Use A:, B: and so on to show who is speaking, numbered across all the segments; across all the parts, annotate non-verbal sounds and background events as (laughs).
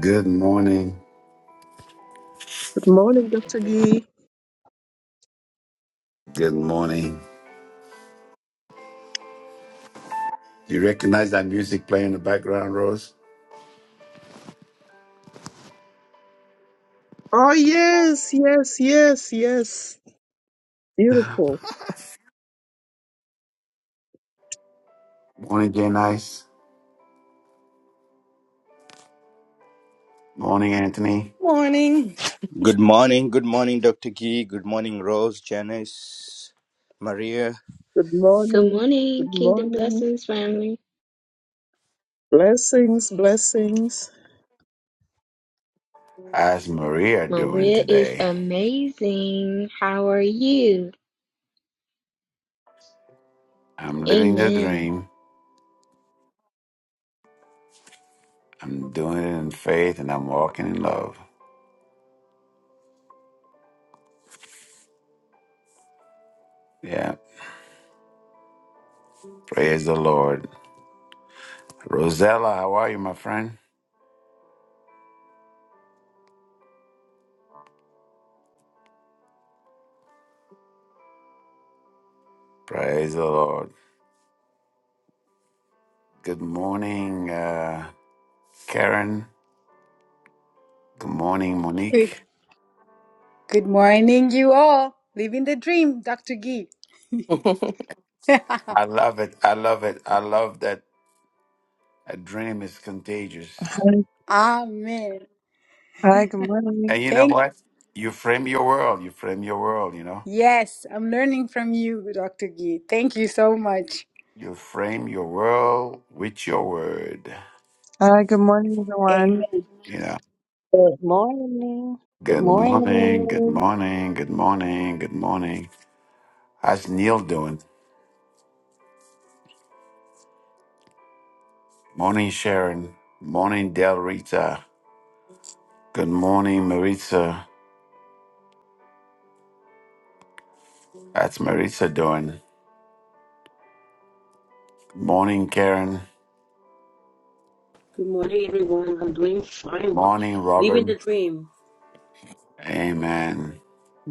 A: Good morning.
B: Good morning, Dr. Gee.
A: Good morning. you recognize that music playing in the background, Rose?
B: Oh, yes, yes, yes, yes. Beautiful.
A: Morning, Jay Nice. Morning, Anthony.
C: Morning.
D: Good morning, good morning, Dr. Gee. Good morning, Rose, Janice, Maria.
B: Good
E: Good
B: morning.
E: morning,
B: Good
E: Kingdom
B: morning.
E: Blessings family.
B: Blessings, blessings.
A: How's Maria doing
E: Maria is
A: today?
E: amazing. How are you?
A: I'm living the
E: Amen.
A: dream. I'm doing it in faith and I'm walking in love. Yeah. Praise the Lord. Rosella, how are you, my friend? Praise the Lord. Good morning, uh, Karen. Good morning,
F: Good,
A: Monique.
F: good morning, you all. Living the dream, Dr. Gee.
C: (laughs)
A: I love it. I love it. I love that a dream is contagious.
G: Hi,
F: Amen.
G: Hi, good morning.
A: And you know
F: Thank
A: what? You frame your world. You frame your world, you know?
F: yes, I'm learning from you, Dr. Gee. Thank you so much.
A: You frame your world with your word.
G: Hi, good morning, everyone.
F: Amen.
A: You know?
H: Good morning. Good
A: Good morning, good
H: morning.
A: morning, good morning, good morning. How's Neil doing? Morning, Sharon. Morning, Del Rita. Good morning, Maritza. That's Maritza doing. Morning, Karen.
I: Good morning, everyone. I'm doing fine.
A: Morning, Robert.
I: Living the dream.
A: Amen.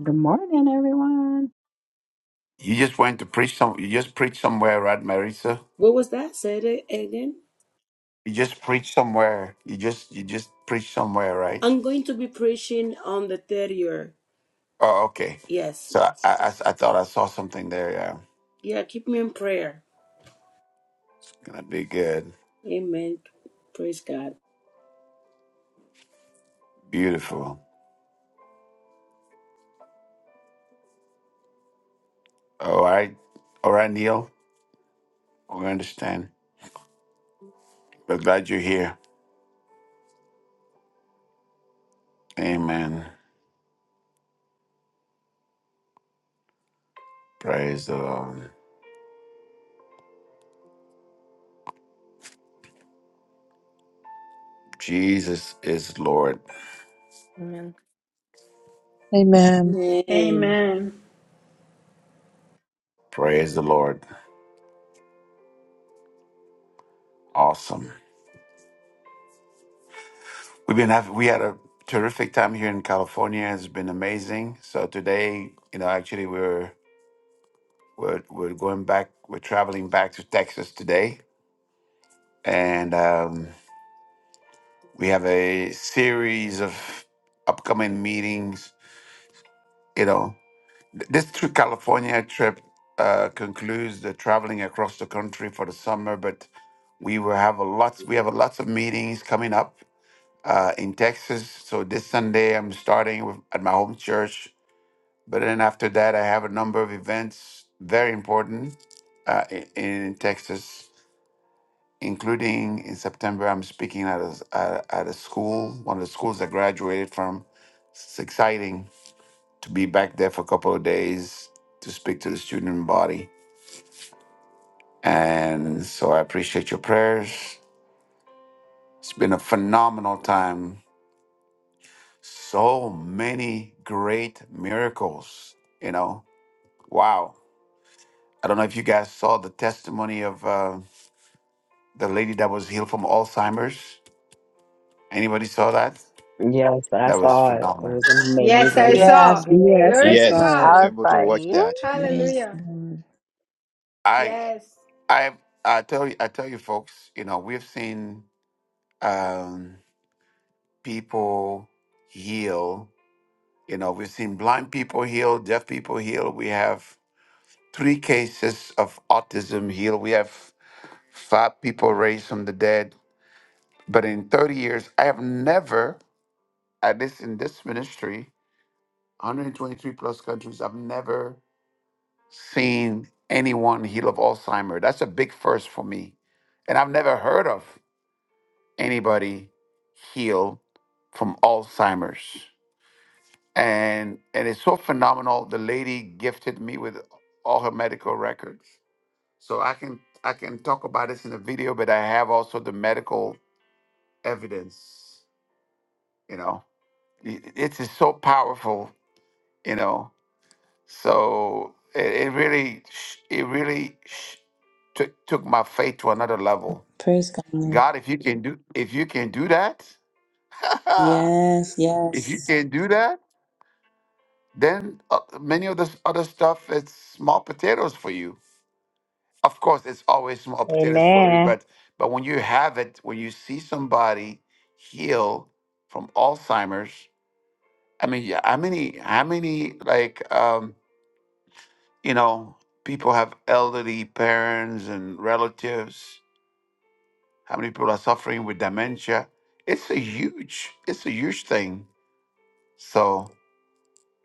J: Good morning, everyone.
A: You just went to preach some. You just preached somewhere, right, Maritza?
I: What was that? Said it again.
A: You just preach somewhere. You just you just preach somewhere, right?
I: I'm going to be preaching on the third year.
A: Oh, okay.
I: Yes.
A: So I I, I I thought I saw something there. Yeah,
I: Yeah, keep me in prayer.
A: gonna be good.
I: Amen. Praise God.
A: Beautiful. All right, all right, Neil. We understand. We're glad you're here. Amen. Praise the Lord. Jesus is Lord.
C: Amen.
G: Amen.
I: Amen.
F: Amen.
A: Praise the Lord. Awesome. We've been having we had a terrific time here in California. It's been amazing. So today, you know, actually we were. We're we're going back. We're traveling back to Texas today, and um, we have a series of upcoming meetings. You know, Th- this trip, California trip uh, concludes the traveling across the country for the summer, but we will have a lots. We have a lots of meetings coming up uh, in Texas. So this Sunday, I'm starting with, at my home church. But then after that, I have a number of events, very important, uh, in, in Texas. including in September, I'm speaking at a, at, at a school, one of the schools I graduated from. It's exciting to be back there for a couple of days to speak to the student body. And so I appreciate your prayers. It's been a phenomenal time. So many great miracles, you know. Wow. I don't know if you guys saw the testimony of uh, the lady that was healed from Alzheimer's. Anybody saw that?
J: Yes, I
A: That was
J: saw it. It
A: phenomenal.
J: was
F: Yes, I
J: amazing.
H: Yeah, I
F: saw.
K: Yes,
H: did.
G: Yes, I
F: Glory to
G: saw
D: Yes, I
G: it.
D: was
F: God.
H: I was
D: able to
H: like,
D: watch that.
H: yeah.
K: yes,
F: Hallelujah.
K: Lord.
A: I
F: Yes.
A: I I tell you I tell you folks, you know, we've seen um, people heal. You know, we've seen blind people heal, deaf people heal. We have three cases of autism heal. We have five people raised from the dead. But in 30 years, I have never, at least in this ministry, 123 plus countries, I've never seen anyone heal of Alzheimer. That's a big first for me. And I've never heard of. anybody heal from Alzheimer's. And and it's so phenomenal. The lady gifted me with all her medical records. So I can I can talk about this in the video, but I have also the medical evidence, you know. I- It's so powerful, you know. So it, it really sh- it really sh- took took my faith to another level.
K: Praise God.
A: God, if you can do if you can do that, (laughs)
K: Yes,
A: if you
K: yes.
A: can do that, Then uh, many of this other stuff it's small potatoes for you. Of course, it's always small potatoes for you,
H: Amen.
A: but but when you have it, when you see somebody heal from Alzheimer's, I mean, yeah, how many how many like um, you know people have elderly parents and relatives? How many people are suffering with dementia? It's a huge it's a huge thing. So.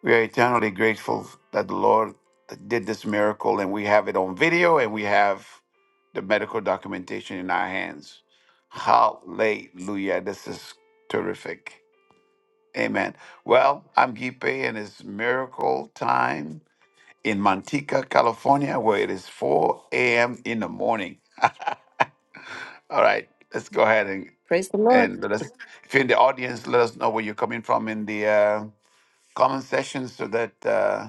A: We are eternally grateful that the Lord did this miracle and we have it on video and we have the medical documentation in our hands. Hallelujah. This is terrific. Amen. Well, I'm Gipe and it's miracle time in Manteca, California, where it is 4 a.m. in the morning. All right, let's go ahead and,
C: Praise the Lord.
A: and let us, if you're in the audience, let us know where you're coming from in the uh, comment section so that. Uh,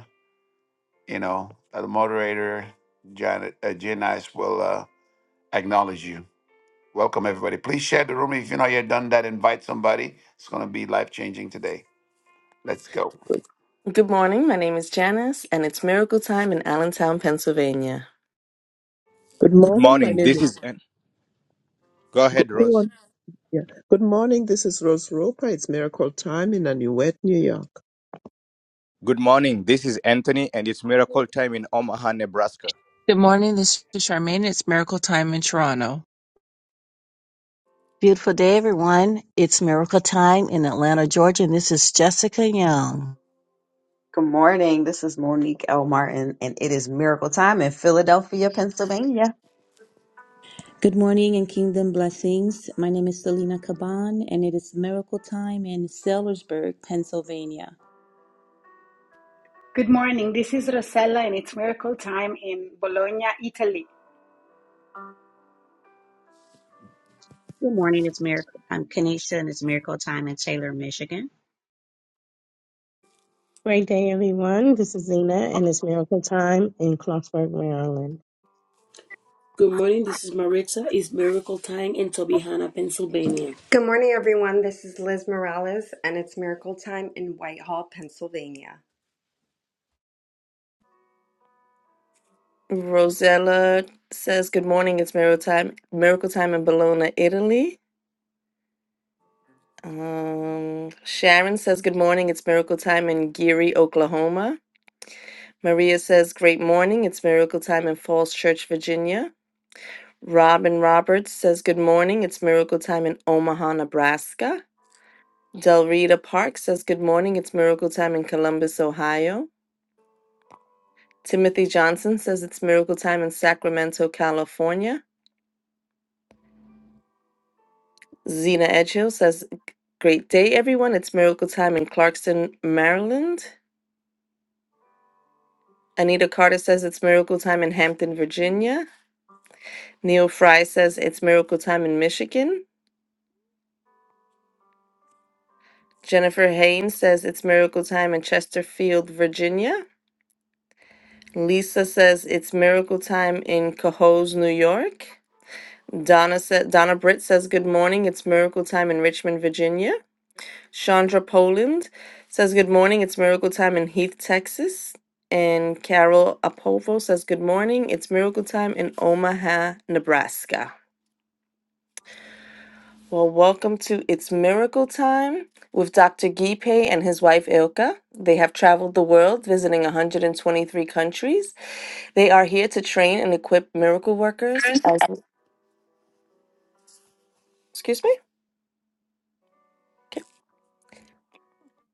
A: you know, uh, the moderator, Janet, uh, Janice will uh, acknowledge you. Welcome, everybody. Please share the room. If you're not yet done that, invite somebody. It's going to be life changing today. Let's go.
C: Good morning. My name is Janice, and it's miracle time in Allentown, Pennsylvania.
B: Good
D: Good
B: morning. My
D: morning.
B: name
D: This
B: is.
D: is An- go
B: Go,
D: ahead,
B: go
D: Rose.
B: on. Yeah. Good morning. This is Rose Roper. It's Miracle Time in Anuet, New York.
D: Good morning. This is Anthony, and it's miracle time in Omaha, Nebraska.
H: Beautiful day, everyone. It's miracle time in Atlanta, Georgia, and this is Jessica Young.
J: Good morning. This is Monique L. Martin, and it is Miracle Time in Philadelphia, Pennsylvania.
K: Good morning and kingdom blessings. My name is Selena Caban, and it is miracle time in Sellersburg, Pennsylvania.
F: Good morning. This is Rosella and it's miracle time in Bologna, Italy.
L: Good morning. It's Miracle. I'm Kanisha, and it's Miracle Time in Taylor, Michigan.
M: Great day, everyone. This is Zena, and it's Miracle Time in Clarksburg, Maryland.
I: Good morning. This is Maritza. It's Miracle Time in Tobyhanna, Pennsylvania.
N: Good morning, everyone. This is Liz Morales, and it's Miracle Time in Whitehall, Pennsylvania.
C: Rosella says, Good morning. It's miracle time, miracle time in Bologna, Italy. Um, Sharon says, Good morning. It's miracle time in Geary, Oklahoma. Maria says, Great morning. It's miracle time in Falls Church, Virginia. Robin Roberts says, Good morning. It's miracle time in Omaha, Nebraska. Del Rita Park says, Good morning, it's miracle time in Columbus, Ohio. Timothy Johnson says, It's miracle time in Sacramento, California. Zena Edgehill says, Great day, everyone. It's miracle time in Clarkston, Maryland. Anita Carter says, It's miracle time in Hampton, Virginia. Neil Fry says, It's miracle time in Michigan. Jennifer Haynes says, It's miracle time in Chesterfield, Virginia. Lisa says, It's miracle time in Cohoes, New York. Donna said Donna Britt says good morning. It's miracle time in Richmond, Virginia. Chandra Poland says good morning. It's miracle time in Heath, Texas. And Carol Apovo says good morning. It's miracle time in Omaha, Nebraska. Well, welcome to It's Miracle Time with Dr. Gipe and his wife Ilka. They have traveled the world visiting 123 countries. They are here to train and equip miracle workers as excuse me.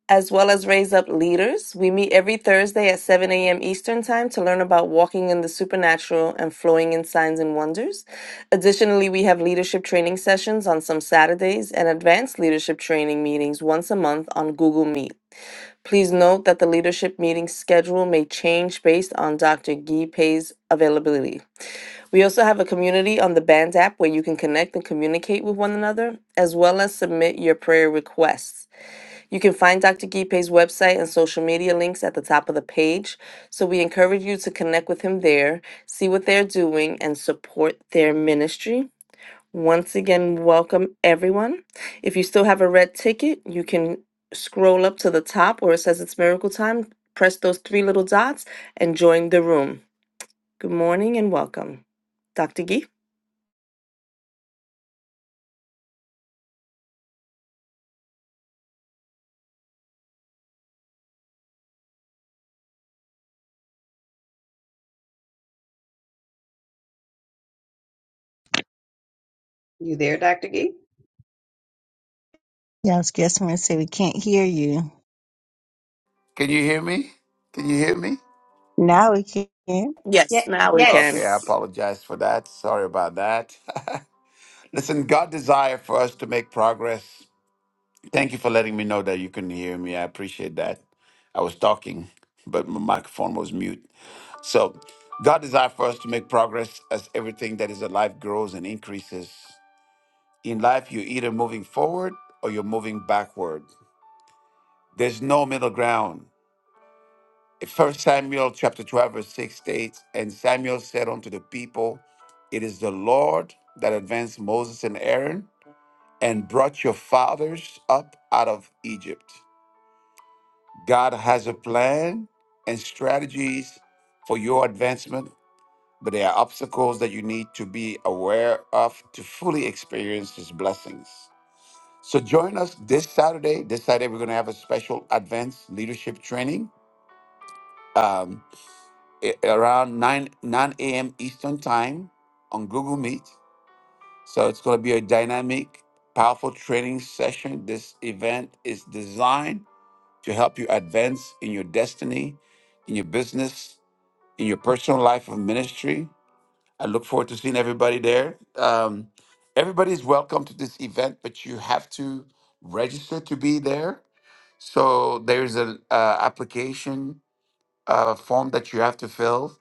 C: as well as raise up leaders. We meet every Thursday at 7 a.m. Eastern Time to learn about walking in the supernatural and flowing in signs and wonders. Additionally, we have leadership training sessions on some Saturdays and advanced leadership training meetings once a month on Google Meet. Please note that the leadership meeting schedule may change based on Dr. Guy Pei's availability. We also have a community on the Band app where you can connect and communicate with one another, as well as submit your prayer requests. You can find Dr. Gipe's website and social media links at the top of the page. So we encourage you to connect with him there, see what they're doing, and support their ministry. Once again, welcome everyone. If you still have a red ticket, you can scroll up to the top where it says it's miracle time, press those three little dots, and join the room. Good morning and welcome. Dr. Gee?
J: You there, Dr. Gee?
H: Yeah, I was guessing when I say we can't hear you.
A: Can you hear me? Can you hear me?
H: Now we can.
C: Yes,
F: Yeah.
C: now we can.
A: Okay, I
F: Yes.
A: apologize for that. Sorry about that. (laughs) Listen, God desire for us to make progress. Thank you for letting me know that you can hear me. I appreciate that. I was talking, but my microphone was mute. So, God desires for us to make progress as everything that is alive grows and increases. In life, you're either moving forward or you're moving backward. There's no middle ground. First Samuel chapter 12, verse 6 states, And Samuel said unto the people, It is the Lord that advanced Moses and Aaron and brought your fathers up out of Egypt. God has a plan and strategies for your advancement but there are obstacles that you need to be aware of to fully experience His blessings. So join us this Saturday. This Saturday, we're going to have a special advanced leadership training um, a- around 9, 9 a.m. Eastern Time on Google Meet. So it's going to be a dynamic, powerful training session. This event is designed to help you advance in your destiny, in your business, in your personal life of ministry I look forward to seeing everybody there. Um, everybody's welcome to this event, but you have to register to be there. So there's an uh, application uh, form that you have to fill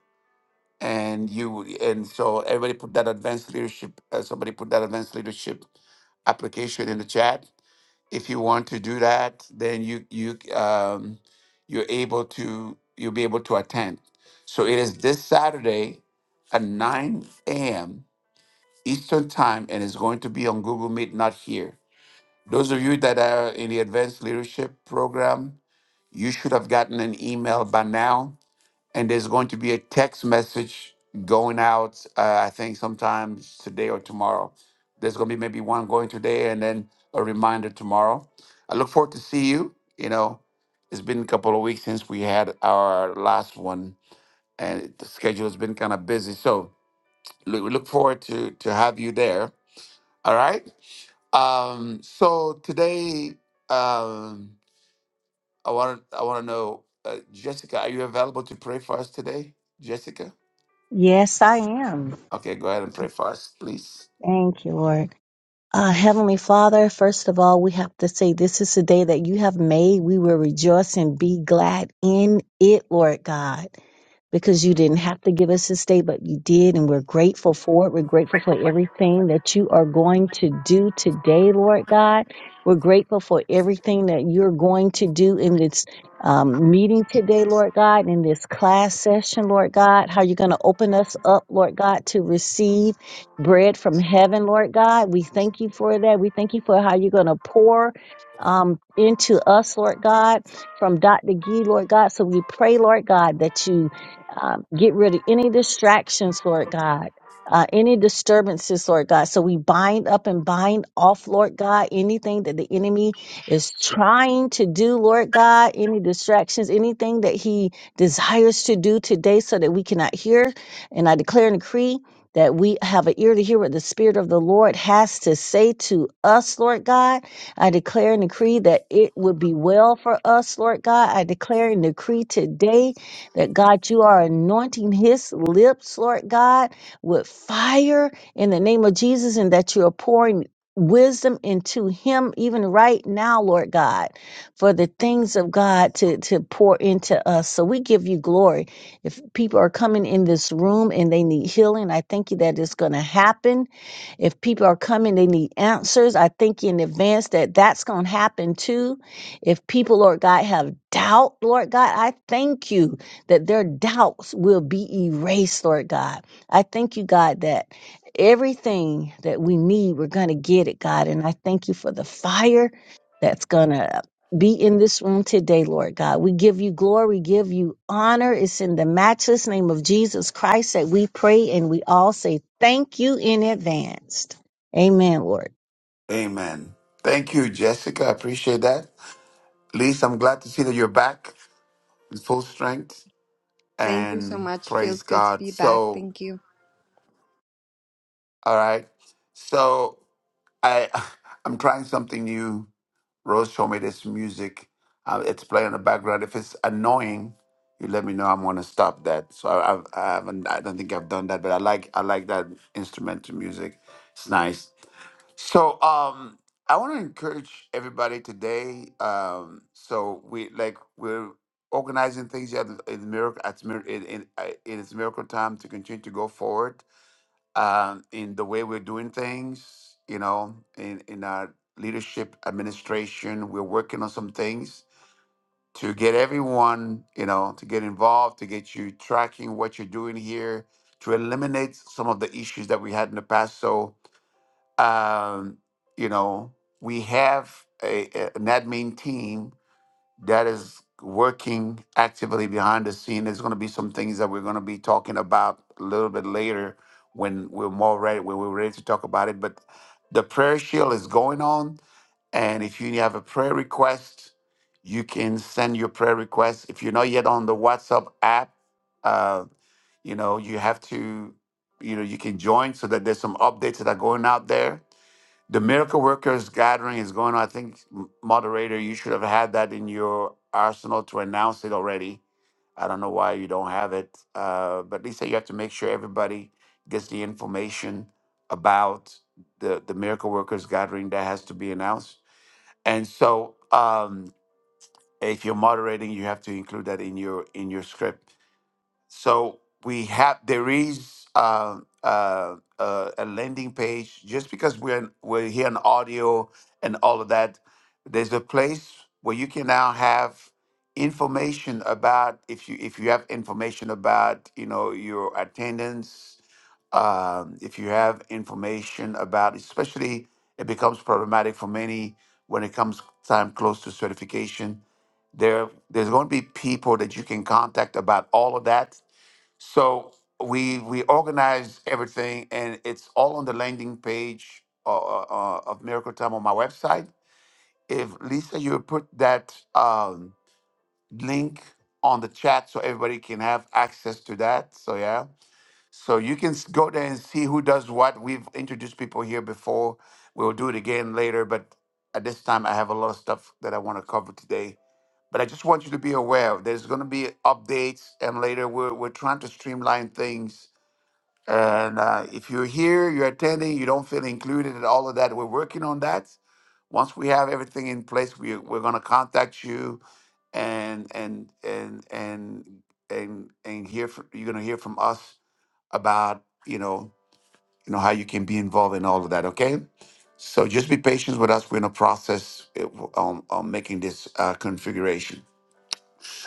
A: and you and so everybody put that advanced leadership uh, somebody put that advanced leadership application in the chat if you want to do that then you you um, you're able to you'll be able to attend so it is this saturday at 9 a.m eastern time and it's going to be on google meet not here those of you that are in the advanced leadership program you should have gotten an email by now and there's going to be a text message going out. Uh, I think sometimes today or tomorrow. There's going to be maybe one going today, and then a reminder tomorrow. I look forward to see you. You know, it's been a couple of weeks since we had our last one, and the schedule has been kind of busy. So lo- we look forward to to have you there. All right. Um, so today, um, I want I want to know, uh, Jessica, are you available to pray for us today, Jessica?
H: Yes, I am.
A: Okay, go ahead and pray first, please.
H: Thank you, Lord. Uh, Heavenly Father, first of all, we have to say this is the day that you have made. We will rejoice and be glad in it, Lord God. because you didn't have to give us this day, but you did, and we're grateful for it. We're grateful for everything that you are going to do today, Lord God. We're grateful for everything that you're going to do in this um, meeting today, Lord God, in this class session, Lord God. How you're going to open us up, Lord God, to receive bread from heaven, Lord God. We thank you for that. We thank you for how you're going to pour um, into us, Lord God from Dr. Gee, Lord God. So we pray, Lord God, that you um, get rid of any distractions, Lord God, uh, any disturbances, Lord God. So we bind up and bind off, Lord God, anything that the enemy is trying to do, Lord God, any distractions, anything that he desires to do today so that we cannot hear. And I declare and decree that we have an ear to hear what the Spirit of the Lord has to say to us, Lord God. I declare and decree that it would be well for us, Lord God. I declare and decree today that God, you are anointing his lips, Lord God, with fire in the name of Jesus, and that you are pouring wisdom into him even right now, Lord God, for the things of God to, to pour into us. So we give you glory. If people are coming in this room and they need healing, I thank you that it's going to happen. If people are coming, they need answers. I thank you in advance that that's going to happen too. If people, Lord God, have doubt, Lord God, I thank you that their doubts will be erased, Lord God. I thank you, God, that everything that we need, we're going to get it, God. And I thank you for the fire that's going to be in this room today, Lord God. We give you glory, give you honor. It's in the matchless name of Jesus Christ that we pray and we all say thank you in advance. Amen, Lord.
A: Amen. Thank you, Jessica. I appreciate that. Liz, I'm glad to see that you're back in full strength
N: Thank you so
A: and
N: much. Feels
A: praise
N: good to
A: God.
N: be back.
A: So,
N: Thank you.
A: all right. So, I (laughs) (sighs) I'm trying something new. Rose showed me this music. Uh, it's playing in the background. If it's annoying, you let me know. I'm gonna stop that. So I, I've, I haven't. I don't think I've done that, but I like I like that instrumental music. It's nice. So um I want to encourage everybody today. Um so we like we're organizing things here at in the miracle at Mir- in, in, uh, in its miracle time to continue to go forward um in the way we're doing things, you know, in in our leadership administration, we're working on some things to get everyone, you know, to get involved, to get you tracking what you're doing here, to eliminate some of the issues that we had in the past. So um, you know, we have a, a- an admin team that is working actively behind the scene. There's going to be some things that we're going to be talking about a little bit later when we're more ready, when we're ready to talk about it. But the prayer shield is going on, and if you have a prayer request, you can send your prayer request. If you're not yet on the WhatsApp app, uh, you know you have to, you know, you can join so that there's some updates that are going out there the miracle workers gathering is going on. I think moderator, you should have had that in your arsenal to announce it already. I don't know why you don't have it, uh, but Lisa, you have to make sure everybody gets the information about the the miracle workers gathering that has to be announced. And so, um, if you're moderating, you have to include that in your in your script so we have there is uh, uh, uh, a landing page. Just because we're in- we're here in audio and all of that, there's a place where you can now have information about if you if you have information about you know your attendance. Um, if you have information about, especially it becomes problematic for many when it comes time close to certification. There, there's going to be people that you can contact about all of that so we we organized everything, and it's all on the landing page uh, uh, uh, of Miracle Time on my website. If Lisa, you would put that um, link on the chat so everybody can have access to that. So yeah, so you can s- go there and see who does what. We've introduced people here before. We'll do it again later, but at this time, I have a lot of stuff that I want to cover today. But I just want you to be aware there's going to be updates, and later we're we're trying to streamline things and uh, if you're here, you're attending, you don't feel included and all of that, we're working on that. Once we have everything in place, we, we're going to contact you and and and and and and hear from, you're going to hear from us about you know you know how you can be involved in all of that. Okay, so just be patient with us. We're in a process uh, on, on making this uh, configuration.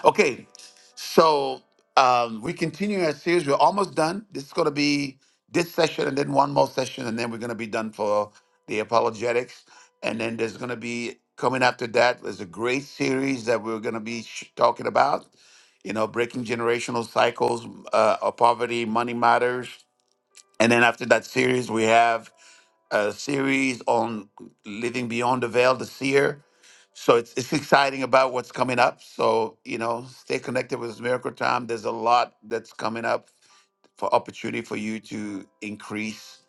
A: Okay, so um, we continue our series. We're almost done. This is going to be this session, and then one more session, and then we're going to be done for the apologetics. And then there's going to be coming after that. There's a great series that we're going to be sh- talking about. You know, breaking generational cycles uh, of poverty, money matters. And then after that series, we have a series on living beyond the veil, the seer. So it's, it's exciting about what's coming up. So, you know, stay connected with Miracle Time. There's a lot that's coming up for opportunity for you to increase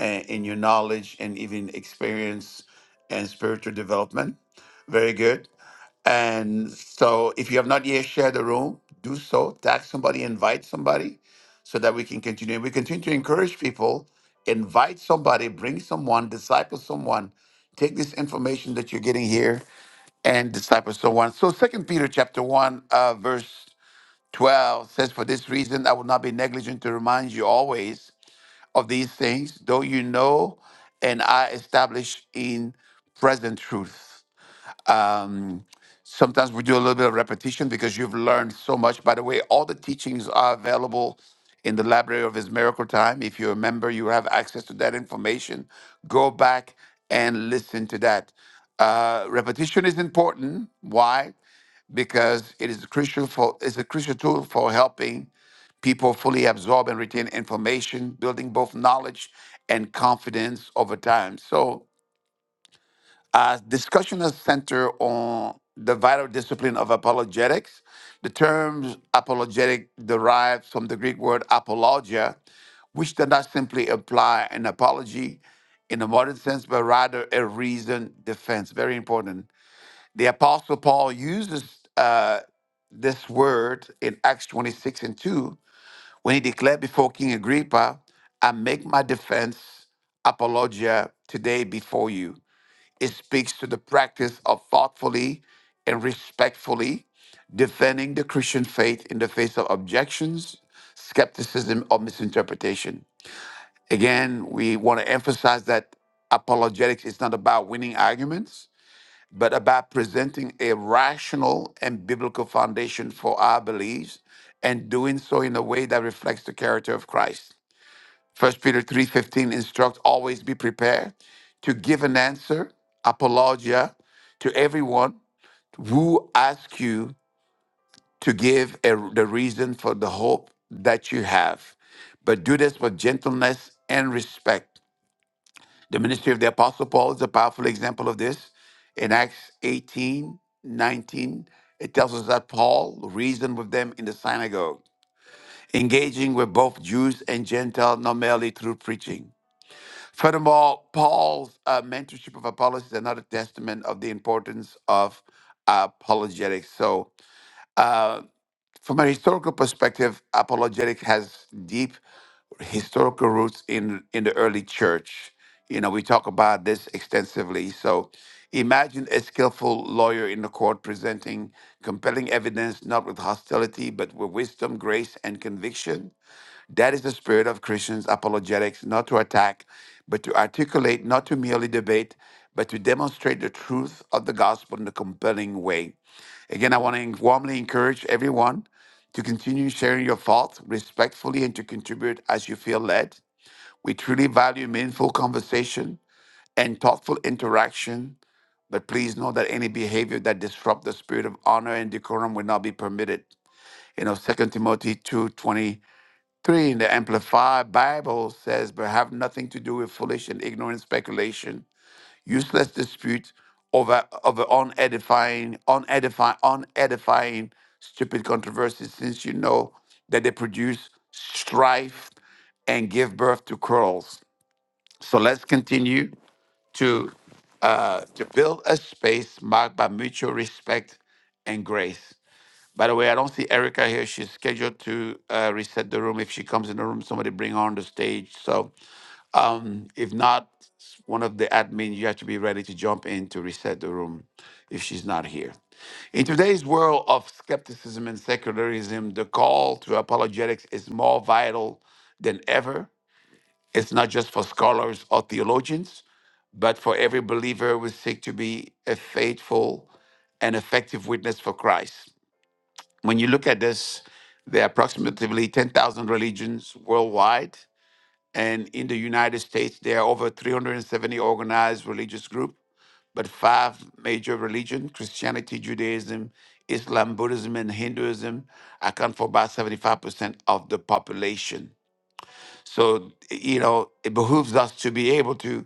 A: uh, in your knowledge and even experience and spiritual development. Very good. And so if you have not yet shared the room, do so. Tag somebody, invite somebody so that we can continue. We continue to encourage people, invite somebody, bring someone, disciple someone. Take this information that you're getting here and disciple someone. So Second Peter chapter 1, uh, verse 12 says, For this reason I will not be negligent to remind you always of these things, though you know and I establish in present truth. Um, sometimes we do a little bit of repetition because you've learned so much. By the way, all the teachings are available in the Library of His Miracle Time. If you're a member, you have access to that information. Go back and listen to that. Uh, repetition is important. Why? Because it is crucial for it's a crucial tool for helping people fully absorb and retain information, building both knowledge and confidence over time. So uh, discussion has centered on the vital discipline of apologetics. The term apologetic derives from the Greek word apologia, which does not simply imply an apology in a modern sense, but rather a reasoned defense. Very important. The Apostle Paul uses uh, this word in Acts 26 and 2 when he declared before King Agrippa, I make my defense apologia today before you. It speaks to the practice of thoughtfully and respectfully defending the Christian faith in the face of objections, skepticism, or misinterpretation. Again, we want to emphasize that apologetics is not about winning arguments, but about presenting a rational and biblical foundation for our beliefs and doing so in a way that reflects the character of Christ. First Peter 3:15 instructs always be prepared to give an answer, apologia, to everyone who asks you to give a, the reason for the hope that you have. But do this with gentleness and respect. The ministry of the Apostle Paul is a powerful example of this. In Acts 18 19, it tells us that Paul reasoned with them in the synagogue, engaging with both Jews and Gentiles not merely through preaching Furthermore, Paul's uh, mentorship of Apollos is another testament of the importance of apologetics. So, uh, from a historical perspective, apologetics has deep historical roots in in the early church. You know, we talk about this extensively. So, imagine a skillful lawyer in the court presenting compelling evidence, not with hostility, but with wisdom, grace, and conviction that is the spirit of Christians' apologetics, not to attack, but to articulate, not to merely debate, but to demonstrate the truth of the gospel in a compelling way. Again, I want to warmly encourage everyone to continue sharing your thoughts respectfully and to contribute as you feel led. We truly value meaningful conversation and thoughtful interaction, but please know that any behavior that disrupts the spirit of honor and decorum will not be permitted. You know, Second Timothy 2:20. Three, the Amplified Bible says, but have nothing to do with foolish and ignorant speculation, useless dispute over over unedifying, unedifying, unedifying, stupid controversies, since you know that they produce strife and give birth to quarrels. So let's continue to uh, to build a space marked by mutual respect and grace. By the way, I don't see Erica here. She's scheduled to uh, reset the room. If she comes in the room, somebody bring her on the stage. So um, if not, s- one of the admins, you have to be ready to jump in to reset the room if she's not here. In today's world of skepticism and secularism, the call to apologetics is more vital than ever. It's not just for scholars or theologians, but for every believer who seek to be a faithful and effective witness for Christ. When you look at this, there are approximately 10,000 religions worldwide. And in the United States, there are over 370 organized religious groups, but five major religions Christianity, Judaism, Islam, Buddhism, and Hinduism account for about 75% of the population. So, you know, it behooves us to be able to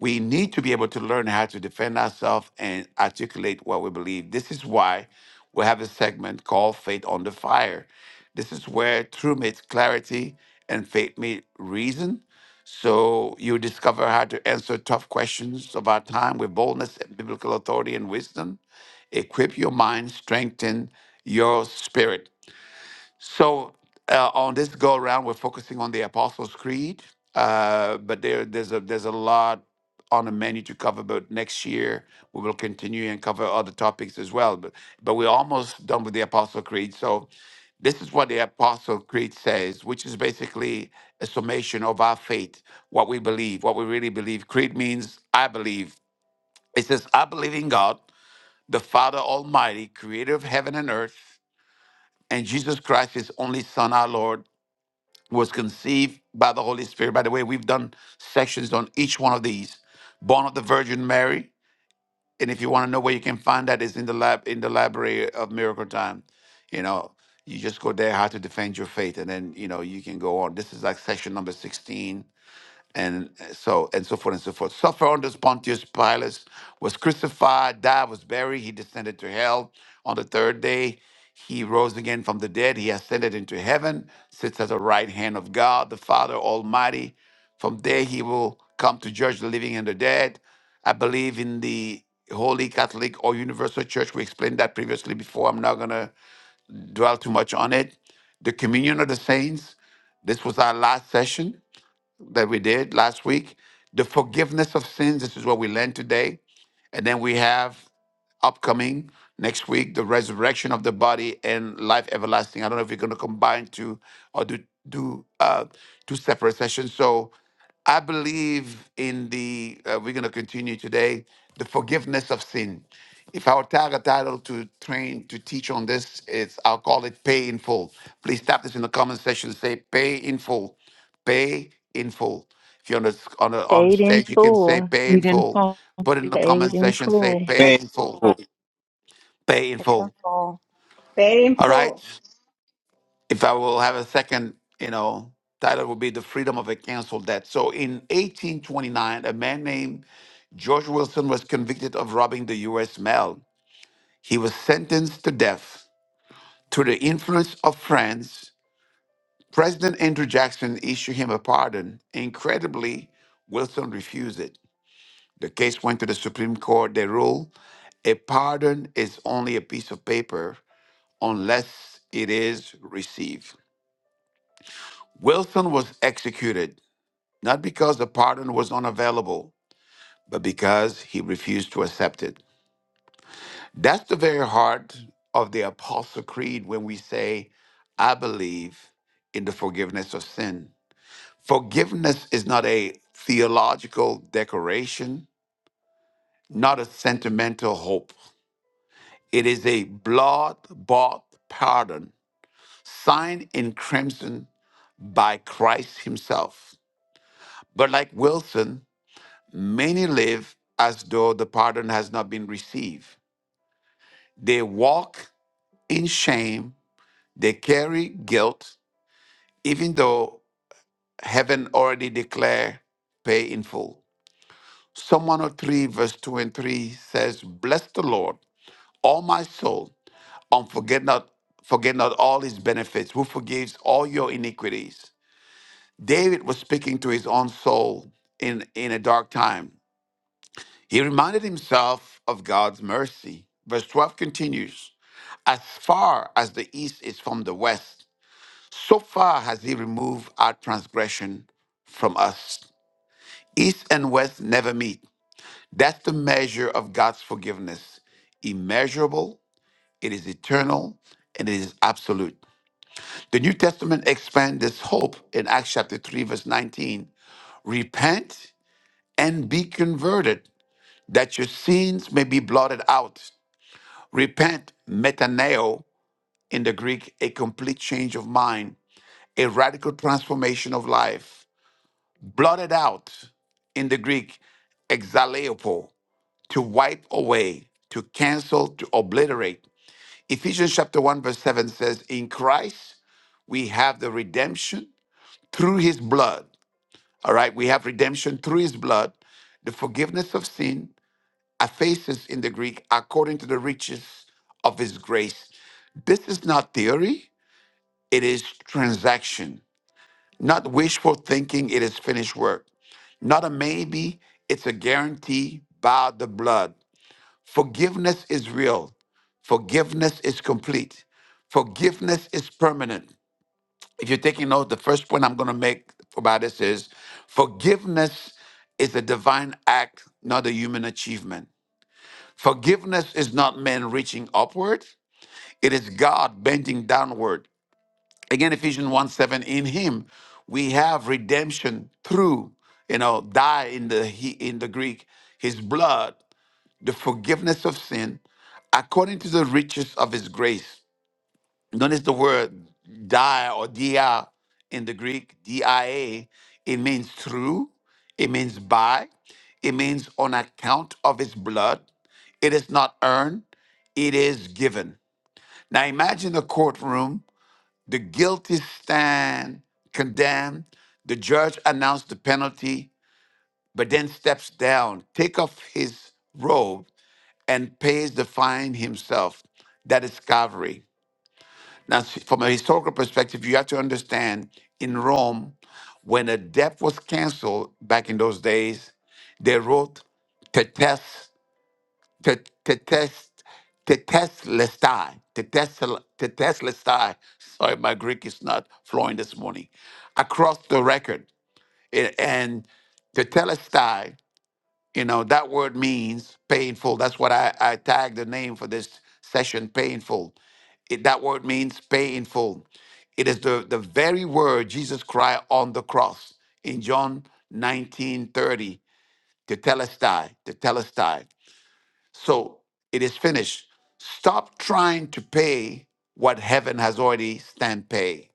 A: we need to be able to learn how to defend ourselves and articulate what we believe. This is why we have a segment called Faith on the Fire. This is where truth meets clarity and faith meets reason. So you discover how to answer tough questions of our time with boldness and biblical authority and wisdom. Equip your mind, strengthen your spirit so uh, on this go around, we're focusing on the Apostles' Creed, uh, but there there's a there's a lot on the menu to cover. But next year we will continue and cover other topics as well. But but we're almost done with the Apostles' Creed. So this is what the Apostles' Creed says, which is basically a summation of our faith, what we believe, what we really believe. Creed means I believe. It says I believe in God, the Father Almighty, Creator of heaven and earth and Jesus Christ, his only Son, our Lord, was conceived by the Holy Spirit. By the way, we've done sections on each one of these. Born of the Virgin Mary, and if you want to know where you can find that, is in the lab in the library of Miracle Time. You know, you just go there, how to defend your faith, and then you know you can go on. This is like section number sixteen and uh, so and so forth and so forth. Suffer under Pontius Pilate, was crucified, died, was buried. He descended to hell. On the third day, he rose again from the dead. He ascended into heaven, sits at the right hand of God, the Father Almighty. From there, he will come to judge the living and the dead. I believe in the Holy Catholic or Universal Church. We explained that previously before. I'm not going to dwell too much on it. The communion of the saints. This was our last session that we did last week, the forgiveness of sins. This is what we learned today. And then we have upcoming next week, the resurrection of the body and life everlasting. I don't know if you're going to combine two or do do uh, two separate sessions. So I believe in the. Uh, we're going to continue today the forgiveness of sin. If I were to tag a title to train to teach on this, it's I'll call it pay in full. Please tap this in the comment section. Say pay in full pay in full. If you're on a on a, on a
H: Paid in
A: stage, you can say
H: full.
A: pay
G: We
A: in
G: didn't
A: full.
G: fall.
A: Put it in the
H: Paid
A: comment
H: in
A: section, say
H: full.
A: pay
D: Thank
A: in full,
D: you.
A: pay in full.
N: Wonderful.
F: Very
A: All right.
F: info.
A: If I will have a second, you know, title would be the freedom of a cancel debt. So in 1829, a man named George Wilson was convicted of robbing the U.S. mail. He was sentenced to death. Through the influence of friends, President Andrew Jackson issued him a pardon. Incredibly, Wilson refused it. The case went to the Supreme Court. They ruled a pardon is only a piece of paper unless it is received. Wilson was executed not because the pardon was unavailable, but because he refused to accept it. That's the very heart of the Apostle Creed when we say, I believe in the forgiveness of sin. Forgiveness is not a theological decoration, not a sentimental hope. It is a blood bought pardon signed in crimson by Christ Himself. But like Wilson, many live as though the pardon has not been received. They walk in shame, they carry guilt, even though heaven already declared pay in full. Psalm 103, verse 2 and 3 says, Bless the Lord, all my soul on forget not forget not all his benefits, who forgives all your iniquities. David was speaking to his own soul in, in a dark time. He reminded himself of God's mercy. Verse 12 continues As far as the east is from the west, so far has he removed our transgression from us. East and west never meet. That's the measure of God's forgiveness. Immeasurable, it is eternal, and it is absolute. The New Testament expands this hope in Acts chapter 3, verse 19. Repent and be converted, that your sins may be blotted out. Repent, metaneo, in the Greek, a complete change of mind, a radical transformation of life. Blotted out, in the Greek, exaleopo, to wipe away, to cancel, to obliterate. Ephesians chapter 1, verse 7 says, In Christ, we have the redemption through his blood, All right, we have redemption through his blood, the forgiveness of sin, aphasis in the Greek, according to the riches of his grace. This is not theory, it is transaction, not wishful thinking, it is finished work. Not a maybe, it's a guarantee by the blood. Forgiveness is real, forgiveness is complete, forgiveness is permanent. If you're taking notes, the first point I'm going to make about this is forgiveness is a divine act, not a human achievement. Forgiveness is not man reaching upward, it is God bending downward. Again, Ephesians 1 7, in him we have redemption through, you know, die in the he, in the Greek, his blood, the forgiveness of sin, according to the riches of his grace. Notice the word dia or dia in the Greek, dia. It means through, it means by, it means on account of his blood. It is not earned, it is given. Now imagine a courtroom. The guilty stand condemned. The judge announced the penalty, but then steps down, take off his robe, and pays the fine himself. That is Calvary. Now, s- from a historical perspective, you have to understand in Rome, when a debt was canceled back in those days, they wrote tetes, tet- tetes, teteslestai, tetesel- teteslestai. Sorry, my Greek is not flowing this morning. Across the record. A- And tetelestai, you know, that word means painful. That's what I, I tagged the name for this session, painful it- that word means pay in full. It is the, the very word Jesus cried on the cross in John 19 30 to telestai, to telestai. So it is finished. Stop trying to pay what heaven has already stand pay.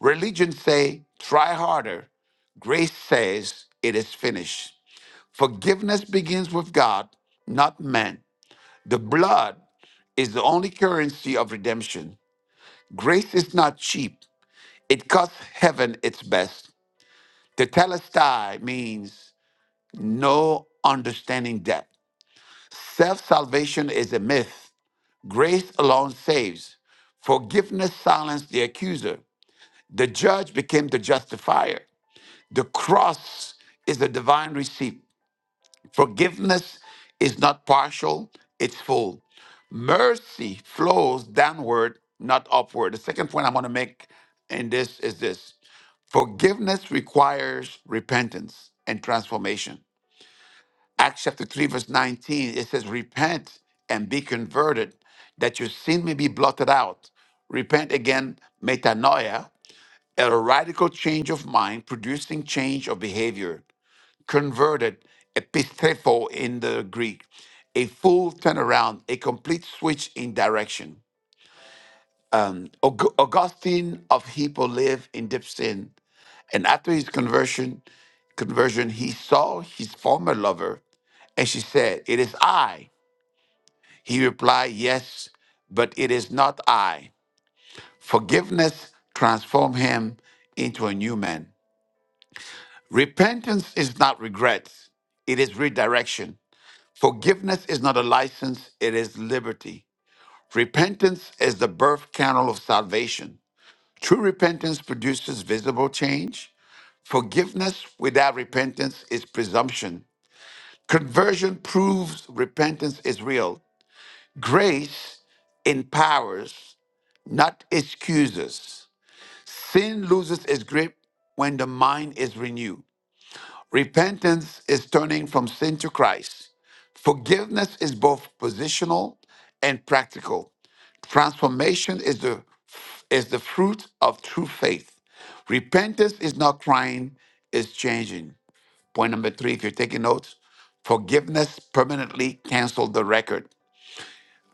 A: Religion say, try harder. Grace says, it is finished. Forgiveness begins with God, not man. The blood is the only currency of redemption. Grace is not cheap. It costs heaven its best. The telestai means no understanding debt. Self salvation is a myth. Grace alone saves. Forgiveness silenced the accuser. The judge became the justifier. The cross is a divine receipt. Forgiveness is not partial, it's full. mercy flows downward, not upward. The second point I'm going to make in this is this forgiveness requires repentance and transformation. Acts chapter 3, verse 19, it says, Repent and be converted, that your sin may be blotted out. Repent again, metanoia, a radical change of mind, producing change of behavior. Converted, epistefo in the Greek, a full turnaround, a complete switch in direction um, Aug- Augustine of Hippo lived in deep sin, and after his conversion, conversion, he saw his former lover, and she said, "It is I." He replied, "Yes, but it is not I." Forgiveness transformed him into a new man. Repentance is not regret; it is redirection. Forgiveness is not a license; it is liberty. Repentance is the birth canal of salvation. True repentance produces visible change. Forgiveness without repentance is presumption. Conversion proves repentance is real. Grace empowers, not excuses. Sin loses its grip when the mind is renewed. Repentance is turning from sin to Christ. Forgiveness is both positional and practical. Transformation is the is the fruit of true faith. Repentance is not crying, it's changing. Point number three, if you're taking notes, forgiveness permanently canceled the record.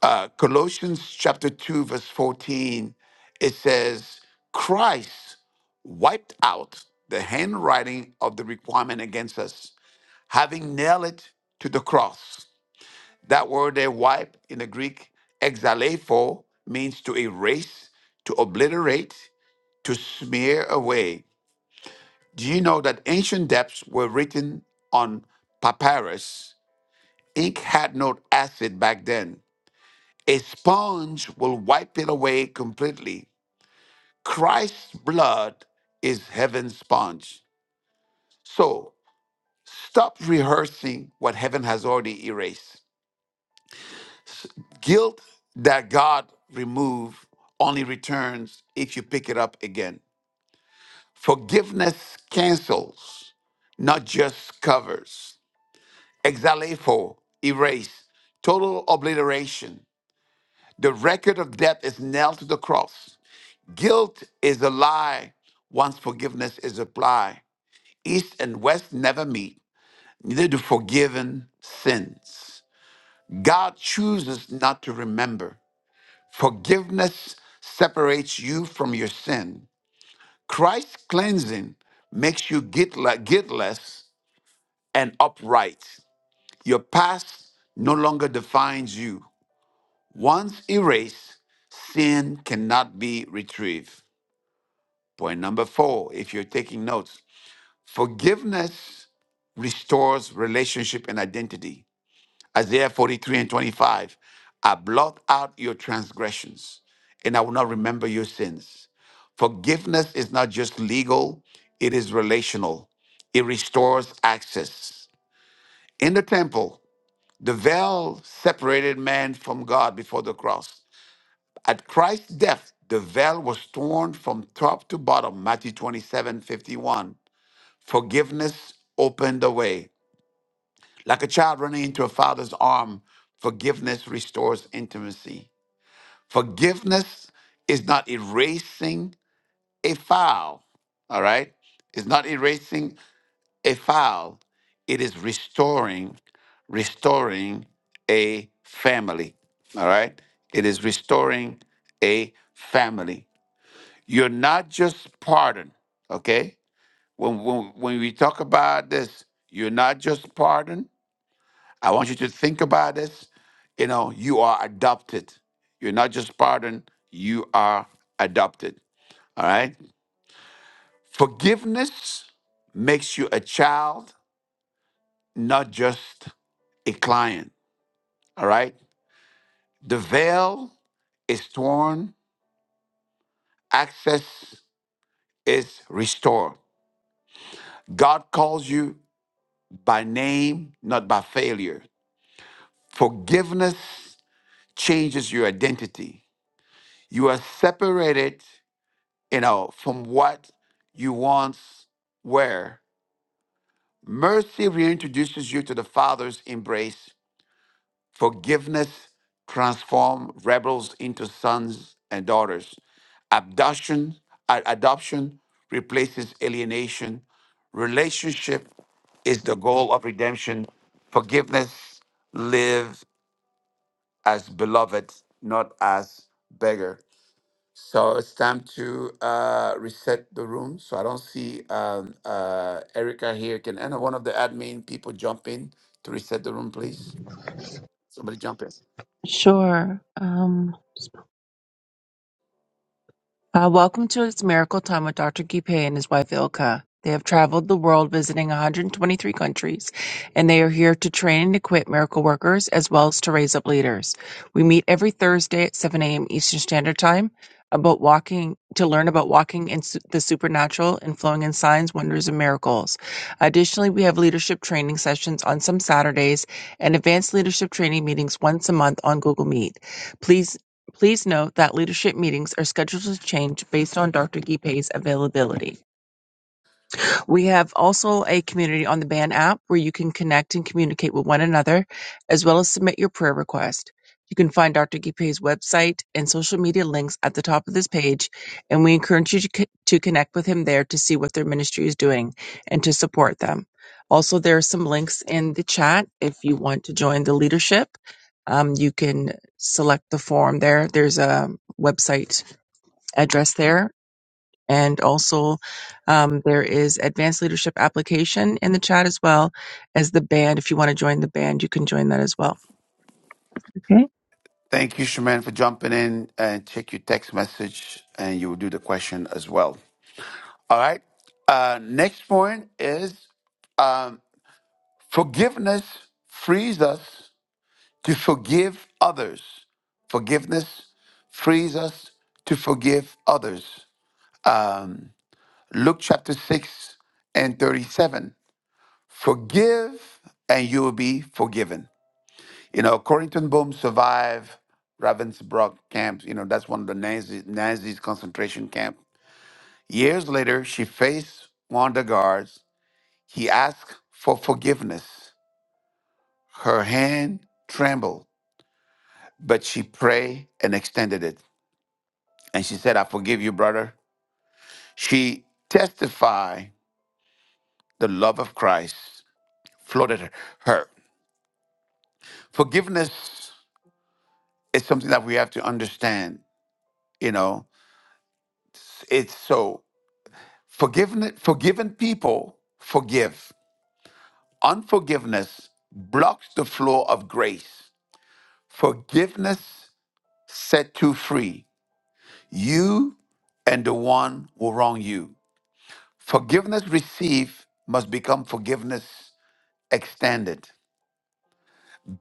A: Uh, Colossians chapter 2, verse 14, it says, Christ wiped out the handwriting of the requirement against us, having nailed it to the cross. That word there, wipe in the Greek, exalepho, means to erase, to obliterate, to smear away. Do you know that ancient depths were written on papyrus? Ink had no acid back then. A sponge will wipe it away completely. Christ's blood is heaven's sponge. So stop rehearsing what heaven has already erased. Guilt that God removed only returns if you pick it up again. Forgiveness cancels, not just covers. Exalefo, erase, total obliteration. The record of debt is nailed to the cross. Guilt is a lie once forgiveness is applied. East and West never meet, neither do forgiven sins. God chooses not to remember. Forgiveness separates you from your sin. Christ's cleansing makes you guilt- guiltless and upright. Your past no longer defines you. Once erased, sin cannot be retrieved. Point number four, if you're taking notes, forgiveness restores relationship and identity. Isaiah 43 and 25. I blot out your transgressions and I will not remember your sins. Forgiveness is not just legal, it is relational. It restores access. In the temple, the veil separated man from God before the cross. At Christ's death, the veil was torn from top to bottom, Matthew 27:51. Forgiveness opened the way. Like a child running into a father's arm, forgiveness restores intimacy. Forgiveness is not erasing a foul, all right? It's not erasing a foul. It is restoring, restoring a family, all right? It is restoring a family. You're not just pardoned, okay? When, when, when we talk about this, you're not just pardoned, I want you to think about this. You know, you are adopted. You're not just pardoned, you are adopted. All right? Forgiveness makes you a child, not just a client. All right? The veil is torn, access is restored. God calls you by name, not by failure. Forgiveness changes your identity. You are separated you know, from what you once were. Mercy reintroduces you to the Father's embrace. Forgiveness transforms rebels into sons and daughters. Abduction, a- adoption replaces alienation. Relationship is the goal of redemption. Forgiveness live as beloved, not as beggar. So it's time to uh, reset the room. So I don't see um, uh, Erica here. Can any one of the admin people jump in to reset the room, please? Somebody jump in.
G: Sure. Um, Uh, welcome to It's Miracle Time with Dr. Gipe and his wife Ilka. They have traveled the world visiting 123 countries, and they are here to train and equip miracle workers as well as to raise up leaders. We meet every Thursday at 7 a.m. Eastern Standard Time about walking to learn about walking in su- the supernatural and flowing in signs, wonders, and miracles. Additionally, we have leadership training sessions on some Saturdays and advanced leadership training meetings once a month on Google Meet. Please Please note that leadership meetings are scheduled to change based on Dr. Guipay's availability. We have also a community on the band app where you can connect and communicate with one another, as well as submit your prayer request. You can find Dr. Gipe's website and social media links at the top of this page, and we encourage you to, co- to connect with him there to see what their ministry is doing and to support them. Also, there are some links in the chat if you want to join the leadership. Um, you can select the form there. There's a website address there and also, um, there is advanced leadership application in the chat as well as the band. If you want to join the band, you can join that as well. Okay.
A: Thank you, Shaman, for jumping in and check your text message, and you will do the question as well. All right. Uh, next point is um, forgiveness frees us to forgive others. Forgiveness frees us to forgive others. Um, Luke chapter 6 and 37. Forgive and you will be forgiven. You know, Corrington Boom survived Ravensbrück camp. You know, that's one of the Nazi, Nazis concentration camp. Years later, she faced one of the guards. He asked for forgiveness. Her hand trembled, but she prayed and extended it. And she said, I forgive you, brother. She testified the love of Christ flooded her. Forgiveness It's something that we have to understand, you know. It's so forgiven forgiven people forgive. Unforgiveness blocks the flow of grace. Forgiveness set you free. You and the one who wronged you. Forgiveness received must become forgiveness extended.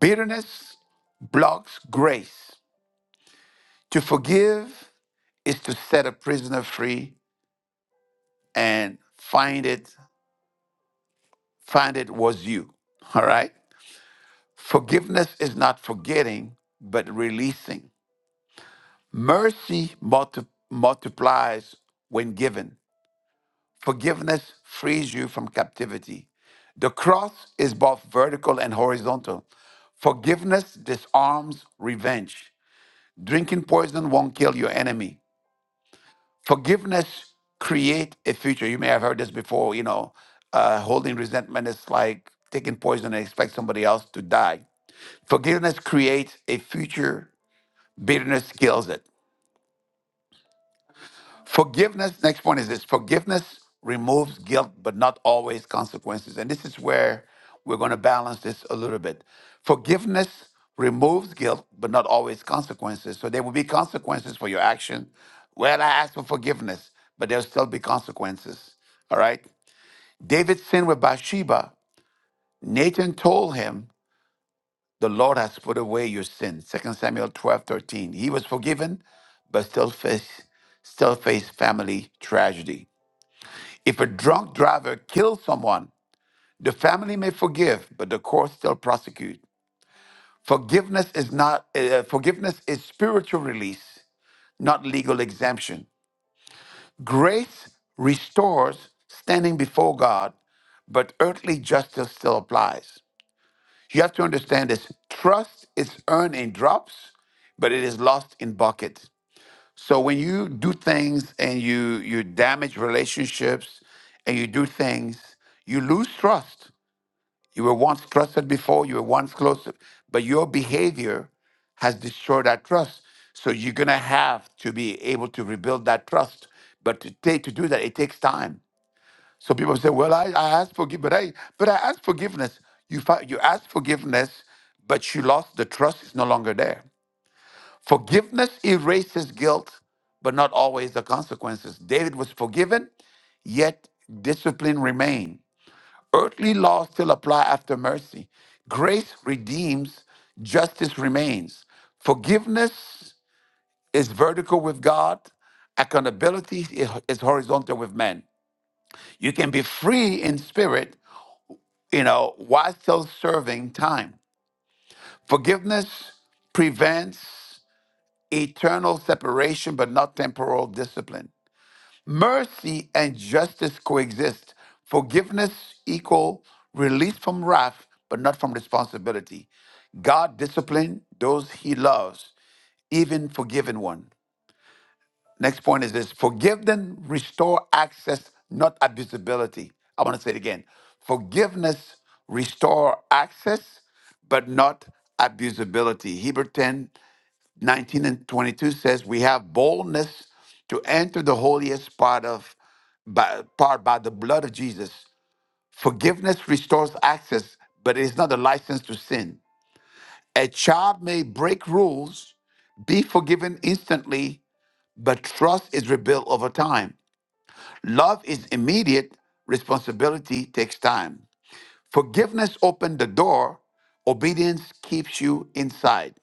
A: Bitterness blocks grace. To forgive is to set a prisoner free and find it find it was you. All right? Forgiveness is not forgetting, but releasing. Mercy multi- multiplies when given. Forgiveness frees you from captivity. The cross is both vertical and horizontal. Forgiveness disarms revenge. Drinking poison won't kill your enemy. forgiveness create a future you may have heard this before you know uh, holding resentment is like taking poison and expect somebody else to die forgiveness creates a future bitterness kills it Forgiveness, next point is this forgiveness removes guilt, but not always consequences. And this is where we're going to balance this a little bit. Forgiveness removes guilt, but not always consequences. So there will be consequences for your action. Well, I asked for forgiveness, but there'll still be consequences. All right. David sinned with Bathsheba. Nathan told him, The Lord has put away your sin. Second Samuel 12 13. He was forgiven, but still faced, still faced family tragedy. If a drunk driver kills someone, the family may forgive, but the court still prosecute. Forgiveness is not uh, forgiveness is spiritual release, not legal exemption. Grace restores standing before God, but earthly justice still applies. You have to understand this. Trust is earned in drops, but it is lost in buckets. So when you do things and you you damage relationships and you do things, you lose trust You were once trusted before, you were once close, to- but your behavior has destroyed that trust. So you're gonna have to be able to rebuild that trust. But to take to do that, it takes time. So people say, "Well, I, I asked forgiveness, but I but I asked forgiveness." You fi- you asked forgiveness, but you lost the trust. It's no longer there. Forgiveness erases guilt, but not always the consequences. David was forgiven, yet discipline remained. Earthly laws still apply after mercy. Grace redeems, justice remains. Forgiveness is vertical with God, accountability is horizontal with men. You can be free in spirit, you know, while still serving time. Forgiveness prevents eternal separation, but not temporal discipline. Mercy and justice coexist. Forgiveness equal release from wrath, but not from responsibility. God discipline those he loves, even forgiven one. Next point is this forgive them, restore access, not abusability. I want to say it again. Forgiveness restore access, but not abusability. Hebrew ten. 19 and 22 says, We have boldness to enter the holiest part of by, part by the blood of Jesus. Forgiveness restores access, but it is not a license to sin. A child may break rules, be forgiven instantly, but trust is rebuilt over time. Love is immediate, responsibility takes time. Forgiveness opens the door, obedience keeps you inside.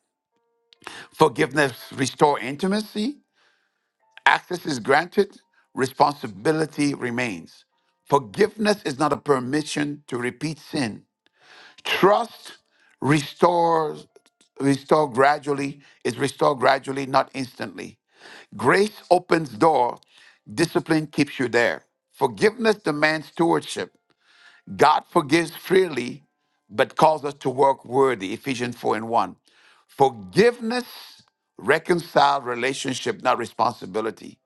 A: Forgiveness restores intimacy, Access is granted, responsibility remains. Forgiveness is not a permission to repeat sin. Trust restores restore gradually is restored gradually, not instantly. Grace opens door, discipline keeps you there. Forgiveness demands stewardship. God forgives freely, but calls us to work worthy. Ephesians 4 and 1. Forgiveness reconciled relationship, not responsibility.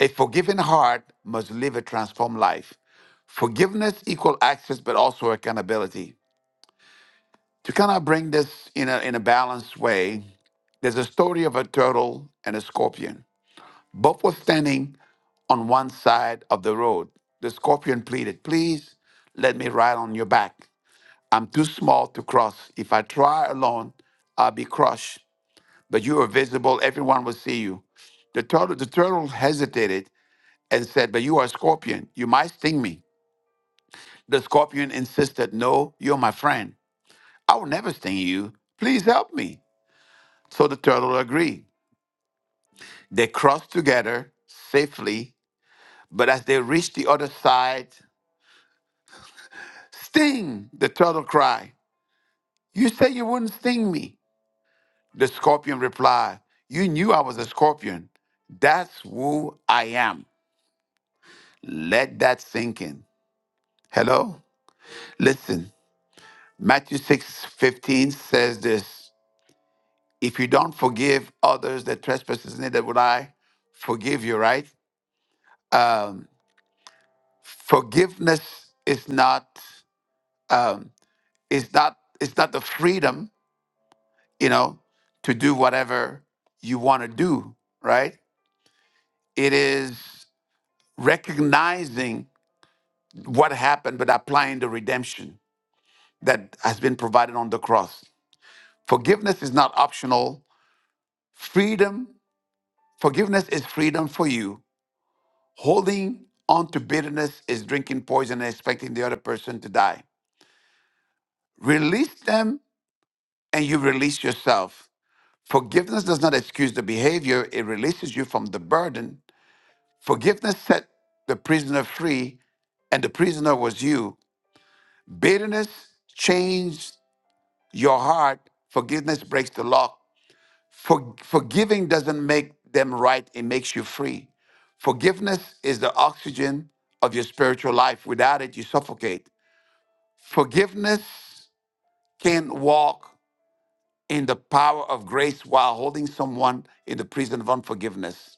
A: A forgiving heart must live a transformed life. Forgiveness equal access, but also accountability. To kind of bring this in a, in a balanced way, there's a story of a turtle and a scorpion. Both were standing on one side of the road. The scorpion pleaded, Please let me ride on your back. I'm too small to cross. If I try alone, I'll be crushed. But you are visible, everyone will see you. The turtle, the turtle hesitated and said, But you are a scorpion. You might sting me. The scorpion insisted, No, you're my friend. I will never sting you. Please help me. So the turtle agreed. They crossed together safely, but as they reached the other side, Sting! The turtle cried. You said you wouldn't sting me. The scorpion replied, You knew I was a scorpion. That's who I am. Let that sink in. Hello? Listen, Matthew six fifteen says this If you don't forgive others the trespasses, neither would I forgive you, right? Um, forgiveness is not um, is not it's not the freedom, you know, to do whatever you want to do, right? It is recognizing what happened but applying the redemption that has been provided on the cross. Forgiveness is not optional. Freedom, forgiveness is freedom for you Holding on to bitterness is drinking poison and expecting the other person to die. Release them and you release yourself. Forgiveness does not excuse the behavior, it releases you from the burden. Forgiveness set the prisoner free, and the prisoner was you. Bitterness changed your heart, forgiveness breaks the lock. For- forgiving doesn't make them right, it makes you free. Forgiveness is the oxygen of your spiritual life. Without it, you suffocate. Forgiveness can walk in the power of grace while holding someone in the prison of unforgiveness.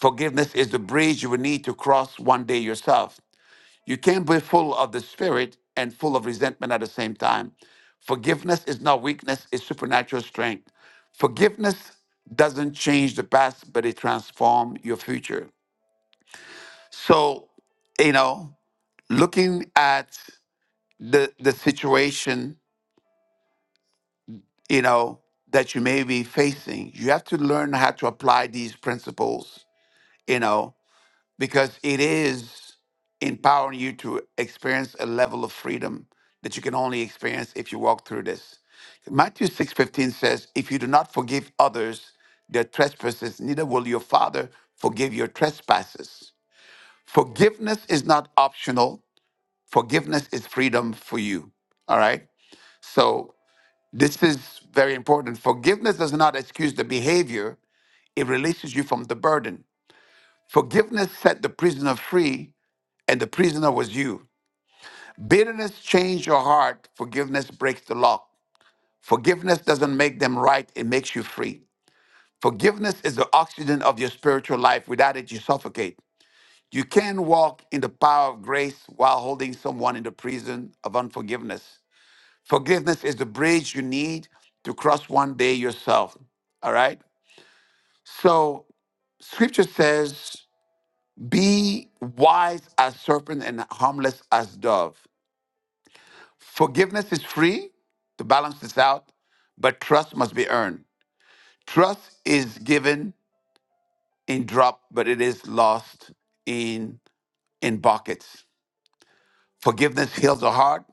A: Forgiveness is the bridge you will need to cross one day yourself. You can't be full of the spirit and full of resentment at the same time. Forgiveness is not weakness, it's supernatural strength. Forgiveness doesn't change the past, but it transforms your future. So, you know, looking at the the situation you know, that you may be facing. You have to learn how to apply these principles, you know, because it is empowering you to experience a level of freedom that you can only experience if you walk through this. Matthew 6:15 says, "If you do not forgive others their trespasses, neither will your Father forgive your trespasses." Forgiveness is not optional. Forgiveness is freedom for you. All right? So this is very important. Forgiveness does not excuse the behavior, it releases you from the burden. Forgiveness set the prisoner free, and the prisoner was you. Bitterness changed your heart, forgiveness breaks the lock. Forgiveness doesn't make them right, it makes you free. Forgiveness is the oxygen of your spiritual life. Without it, you suffocate. You can walk in the power of grace while holding someone in the prison of unforgiveness. Forgiveness is the bridge you need to cross one day yourself. All right? So scripture says, Be wise as serpent and harmless as dove. Forgiveness is free to balance this out, but trust must be earned. Trust is given in drop, but it is lost in in buckets. Forgiveness heals the heart,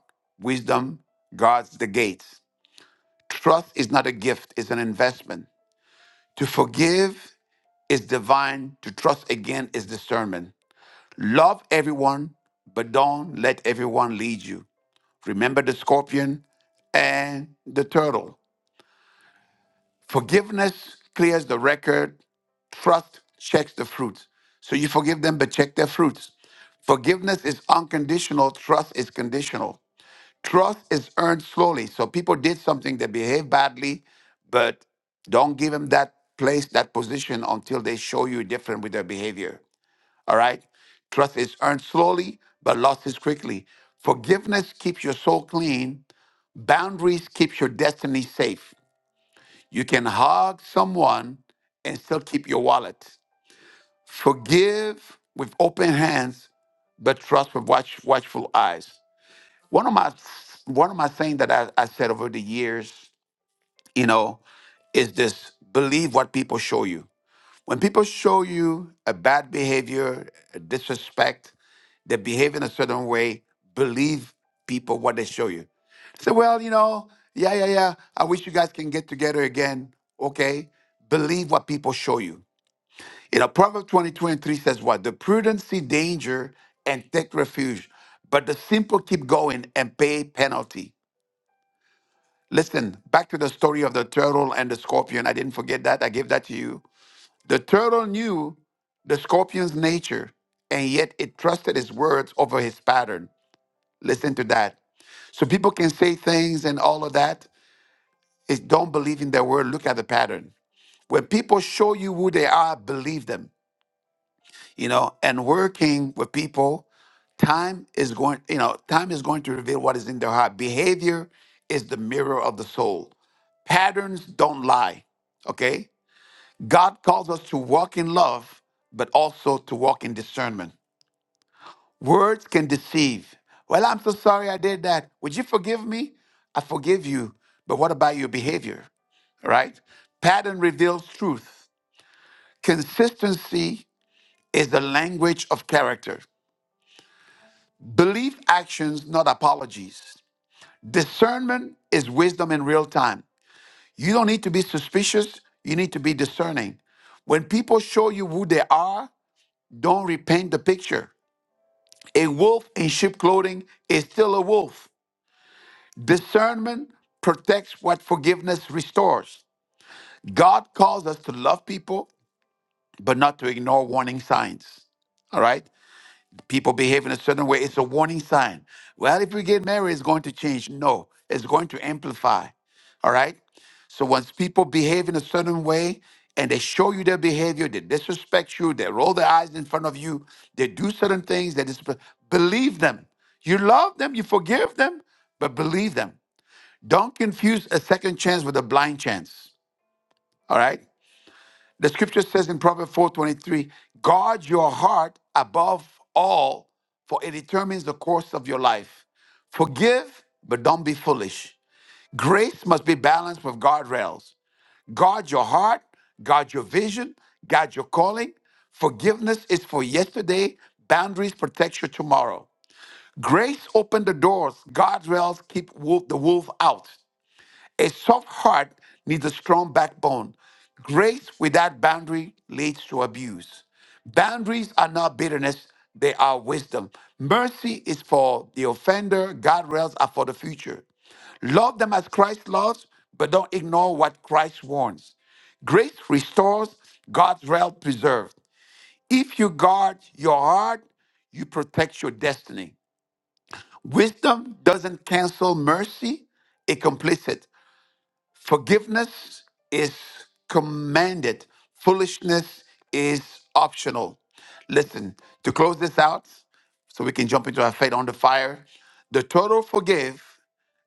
A: wisdom guards the gates. Trust is not a gift, it's an investment. To forgive is divine, to trust again is discernment. Love everyone, but don't let everyone lead you. Remember the scorpion and the turtle. Forgiveness clears the record, trust checks the fruits. So you forgive them, but check their fruits. Forgiveness is unconditional, trust is conditional. Trust is earned slowly. So people did something, they behaved badly, but don't give them that place, that position until they show you different with their behavior. All right? Trust is earned slowly, but lost is quickly. Forgiveness keeps your soul clean. Boundaries keeps your destiny safe. You can hug someone and still keep your wallet. Forgive with open hands, but trust with watch, watchful eyes. One of my one of my things that I, I said over the years, you know, is this believe what people show you. When people show you a bad behavior, a disrespect, They behave in a certain way. Believe people what they show you. Say, well, you know, yeah, yeah, yeah. I wish you guys can get together again. Okay. Believe what people show you. You know, Proverbs 20, 23 says what? The prudent see danger and take refuge, but the simple keep going and pay penalty. Listen, back to the story of the turtle and the scorpion. I didn't forget that. I gave that to you. The turtle knew the scorpion's nature, and yet it trusted his words over his pattern. Listen to that. So people can say things and all of that. It's don't believe in their word. Look at the pattern. When people show you who they are, believe them. You know, and working with people, time is going, you know, time is going to reveal what is in their heart. Behavior is the mirror of the soul. Patterns don't lie. Okay? God calls us to walk in love, but also to walk in discernment. Words can deceive. Well, I'm so sorry I did that. Would you forgive me? I forgive you. But what about your behavior? Right? Pattern reveals truth. Consistency is the language of character. Believe actions, not apologies. Discernment is wisdom in real time. You don't need to be suspicious, you need to be discerning. When people show you who they are, don't repaint the picture. A wolf in sheep clothing is still a wolf. Discernment protects what forgiveness restores. God calls us to love people, but not to ignore warning signs. All right? People behave in a certain way, it's a warning sign. Well, if we get married, it's going to change. No, it's going to amplify. All right? So once people behave in a certain way and they show you their behavior, they disrespect you, they roll their eyes in front of you, they do certain things that is believe them. You love them, you forgive them, but believe them. Don't confuse a second chance with a blind chance. All right? The scripture says in Proverbs 4:23, guard your heart above all, for it determines the course of your life. Forgive, but don't be foolish. Grace must be balanced with guardrails. Guard your heart, guard your vision, guard your calling. Forgiveness is for yesterday, boundaries protect your tomorrow. Grace opened the doors, guardrails keep wolf, the wolf out. A soft heart needs a strong backbone. Grace without boundary leads to abuse. Boundaries are not bitterness, they are wisdom. Mercy is for the offender, guardrails are for the future. Love them as Christ loves, but don't ignore what Christ warns. Grace restores, God's realm preserved. If you guard your heart, you protect your destiny. Wisdom doesn't cancel mercy, it completes it. Forgiveness is commanded, foolishness is optional. Listen, to close this out, so we can jump into our faith on the fire, the total forgive,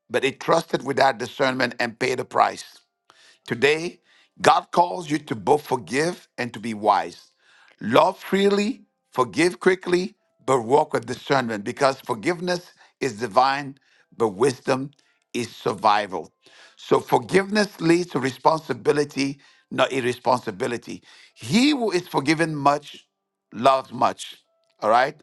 A: but it trusted without discernment and paid the price. Today, God calls you to both forgive and to be wise. Love freely, forgive quickly, but walk with discernment because forgiveness is divine, but wisdom is survival. So forgiveness leads to responsibility, not irresponsibility. He who is forgiven much loves much. All right?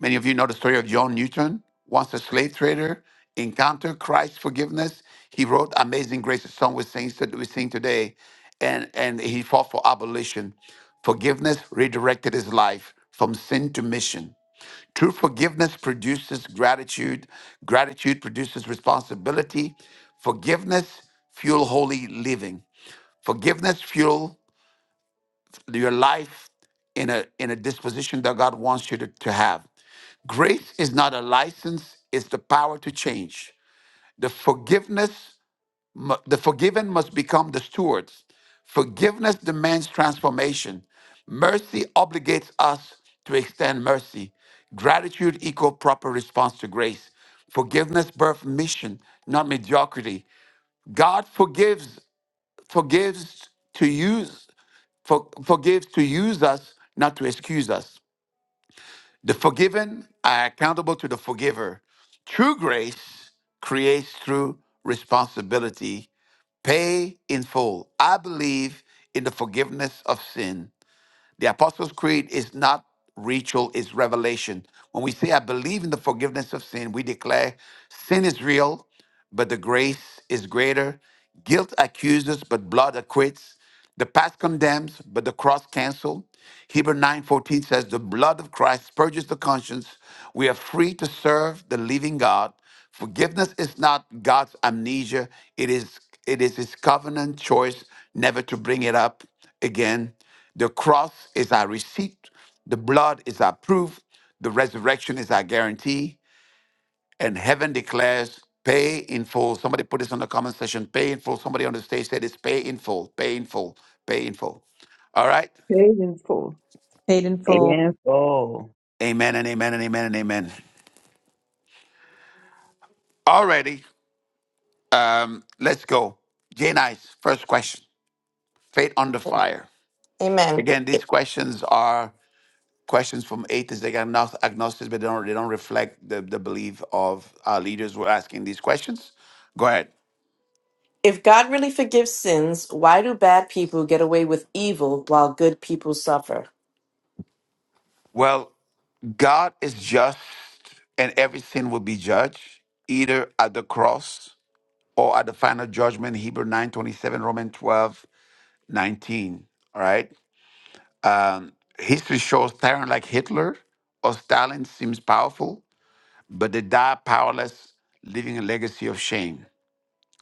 A: Many of you know the story of John Newton. Once a slave trader, encountered Christ's forgiveness. He wrote Amazing Grace, a song we sing, we sing today, and, and he fought for abolition. Forgiveness redirected his life from sin to mission. True forgiveness produces gratitude. Gratitude produces responsibility. Forgiveness fuel holy living. Forgiveness fuel your life in a in a disposition that God wants you to, to have. Grace is not a license, it's the power to change. The forgiveness mu- the forgiven must become the stewards. Forgiveness demands transformation. Mercy obligates us to extend mercy. Gratitude equal proper response to grace. Forgiveness birth mission, not mediocrity. God forgives forgives to you. For, forgives to use us, not to excuse us. The forgiven are accountable to the forgiver. True grace creates true responsibility. Pay in full. I believe in the forgiveness of sin the Apostles' Creed is not ritual, it's revelation. When we say, I believe in the forgiveness of sin, we declare sin is real, but the grace is greater. Guilt accuses, but blood acquits. The past condemns, but the cross cancels. Hebrew 9:14 says, "The blood of Christ purges the conscience. We are free to serve the living God. Forgiveness is not God's amnesia; it is it is His covenant choice never to bring it up again. The cross is our receipt, the blood is our proof, the resurrection is our guarantee, and heaven declares pay in full. Somebody put this on the comment section pay in full. Somebody on the stage said it's pay in full, pay in full, pay in full. All right.
B: Painful.
K: Paid in full.
J: Yes, oh,
A: Amen and amen and amen and amen. Alrighty. Um, let's go. Jay Nice, first question. Faith on the fire.
C: Amen.
A: Again, these questions are questions from atheists. They got agnos- agnostics, but they don't, they don't reflect the, the belief of our leaders who are asking these questions. Go ahead.
C: If God really forgives sins, why do bad people get away with evil while good people suffer?
A: Well, God is just, and every sin will be judged either at the cross or at the final judgment. Hebrew nine twenty seven, Roman twelve nineteen. All right. Um, history shows tyrant like Hitler or Stalin seems powerful, but they die powerless, leaving a legacy of shame.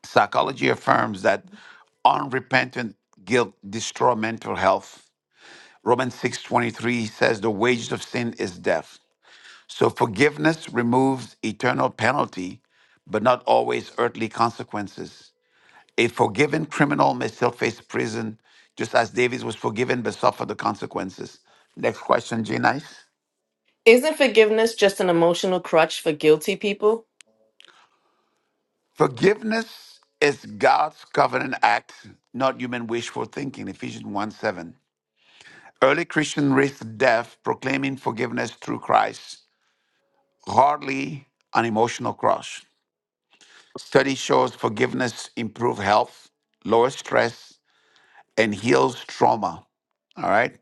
A: Psychology affirms that unrepentant guilt destroys mental health. Romans 6:23 says the wages of sin is death. So forgiveness removes eternal penalty, but not always earthly consequences. A forgiven criminal may still face prison, just as David was forgiven but suffered the consequences. Next question, G Nice.
C: Isn't forgiveness just an emotional crutch for guilty people?
A: Forgiveness is God's covenant act, not human wishful thinking. Ephesians 1 7. Early Christian risked death proclaiming forgiveness through Christ, hardly an emotional cross. Study shows forgiveness improves health, lowers stress, and heals trauma. All right.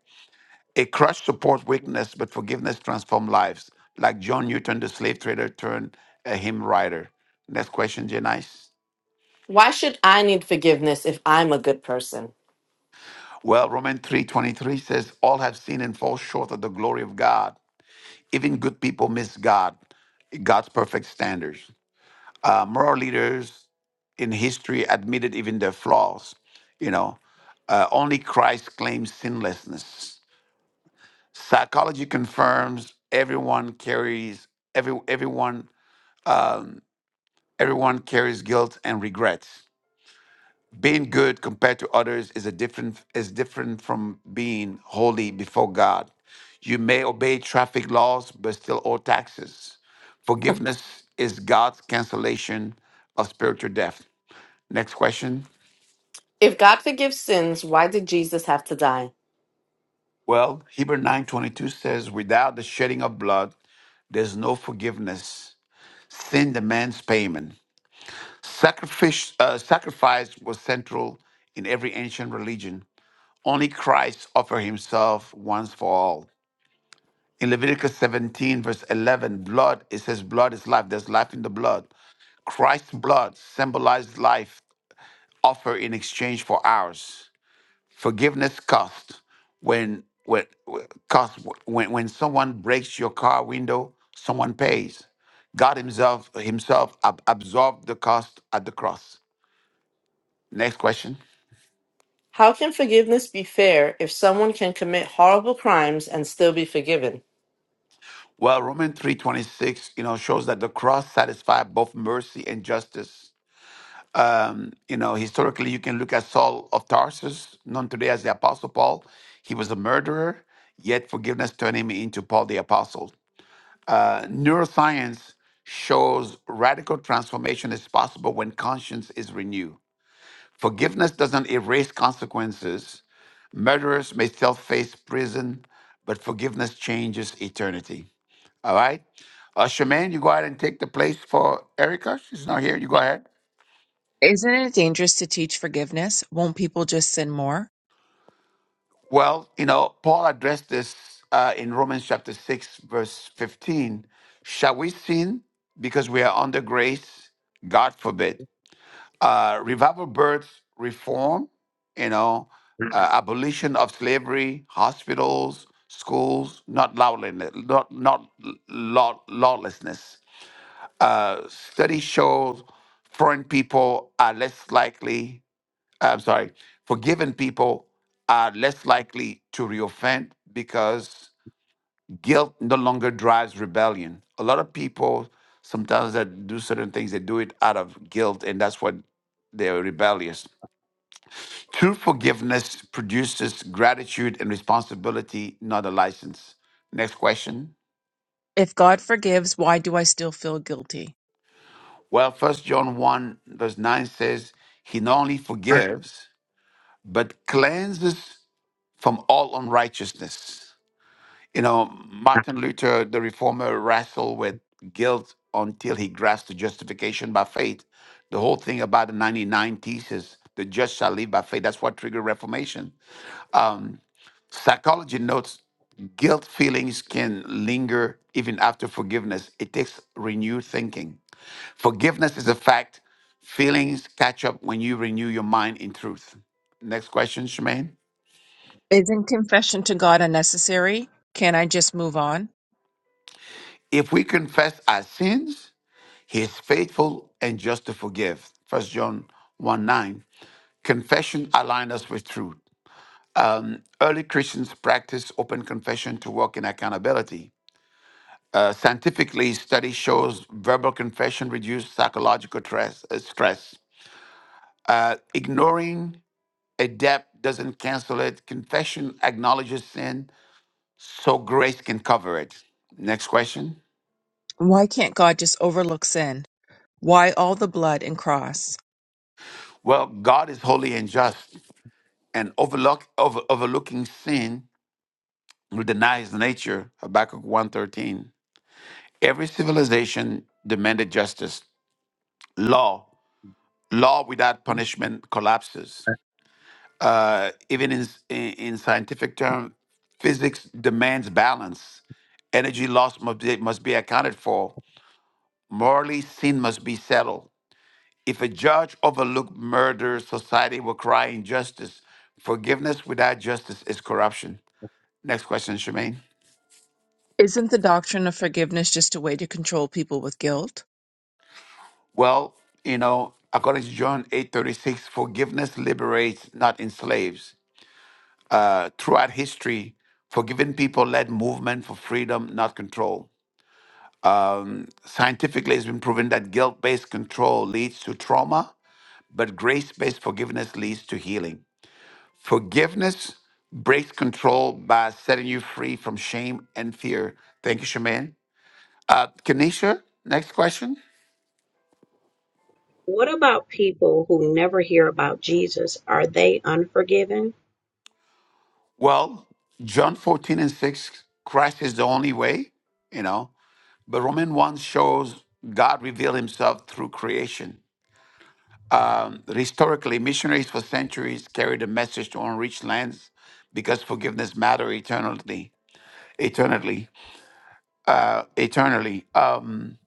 A: A crush supports weakness, but forgiveness transforms lives. Like John Newton, the slave trader turned a hymn writer. Next question, Janice.
C: Why should I need forgiveness if I'm a good person?
A: Well, Romans 3.23 says, All have sinned and fall short of the glory of God. Even good people miss God, God's perfect standards. Uh, moral leaders in history admitted even their flaws. You know, uh, only Christ claims sinlessness. Psychology confirms everyone carries every everyone everyone carries guilt and regrets. Being good compared to others is a different is different from being holy before God. You may obey traffic laws but still owe taxes. Forgiveness is God's cancellation of spiritual death. Next question.
C: If God forgives sins, why did Jesus have to die?
A: Well, Hebrew 9:22 says, "Without the shedding of blood, there's no forgiveness. Sin demands payment. Sacrifice, uh, sacrifice was central in every ancient religion. Only Christ offered himself once for all. In Leviticus 17, verse 11, blood, it says, blood is life. There's life in the blood. Christ's blood symbolized life offered in exchange for ours. Forgiveness costs when when costs when when someone breaks your car window, someone pays. God himself himself ab- absorbed the cost at the cross. Next question.
C: How can forgiveness be fair if someone can commit horrible crimes and still be forgiven?
A: Well, Romans 3:26, you know, shows that the cross satisfied both mercy and justice. Um, you know, historically you can look at Saul of Tarsus, known today as the apostle Paul. He was a murderer, yet forgiveness turned him into Paul the apostle. Uh, neuroscience shows radical transformation is possible when conscience is renewed. Forgiveness doesn't erase consequences. Murderers may still face prison, but forgiveness changes eternity. All right? Uh, Shaman, you go ahead and take the place for Erica. She's not here. You go ahead.
G: Isn't it dangerous to teach forgiveness? Won't people just sin more?
A: Well, you know, Paul addressed this uh, in Romans chapter 6, verse 15. Shall we sin because we are under grace? God forbid. uh, revival births, reform, you know, uh, abolition of slavery, hospitals, schools, not lawlessness, not, not law, lawlessness. Uh, studies show foreign people are less likely, uh, I'm sorry, forgiven people are less likely to reoffend because guilt no longer drives rebellion. A lot of people sometimes that do certain things, they do it out of guilt, and that's what they're rebellious True forgiveness produces gratitude and responsibility, not a license. Next question.
G: If God forgives, why do I still feel guilty?
A: Well, First John 1, verse 9 says, He not only forgives, but cleanses from all unrighteousness. You know, Martin Luther, the reformer, wrestled with guilt until he grasped the justification by faith. The whole thing about the 99 thesis, the just shall live by faith, that's what triggered Reformation. Um, Psychology notes guilt feelings can linger even after forgiveness. It takes renewed thinking. Forgiveness is a fact. Feelings catch up when you renew your mind in truth. Next question, Shemaine.
G: Isn't confession to God unnecessary? Can't I just move on?
A: If we confess our sins, he is faithful and just to forgive. First John 1 9. Confession aligns us with truth. Early Christians practiced open confession to walk in accountability. Uh, scientifically, study shows verbal confession reduces psychological stress. uh, stress. Uh, ignoring a debt doesn't cancel it. Confession acknowledges sin, so grace can cover it. Next question.
G: Why can't God just overlook sin? Why all the blood and cross?
A: Well, God is holy and just, and overlook, over, overlooking sin will deny His nature. Habakkuk 1.13. Every civilization demanded justice. Law, law without punishment collapses. uh, even in, in in scientific terms, physics demands balance. Energy loss must be, must be accounted for. Morally, sin must be settled. If a judge overlooked murder, society will cry injustice. Forgiveness without justice is corruption. Next question, Shemaine.
G: Isn't the doctrine of forgiveness just a way to control people with guilt?
A: Well, you know, according to John eight thirty six, forgiveness liberates, not enslaves. Uh, throughout history, forgiving people led movement for freedom, not control. Scientifically, it's been proven that guilt based control leads to trauma, but grace based forgiveness leads to healing. Forgiveness breaks control by setting you free from shame and fear. Thank you, Shaman. Uh, Kanisha, next question.
L: What about people who never hear about Jesus? Are they unforgiven?
A: Well, John 14 and 6, Christ is the only way, you know, but Roman 1 shows God revealed himself through creation. Um, historically, missionaries for centuries carried a message to unreached lands because forgiveness mattered eternally. Eternally, uh, eternally. Um,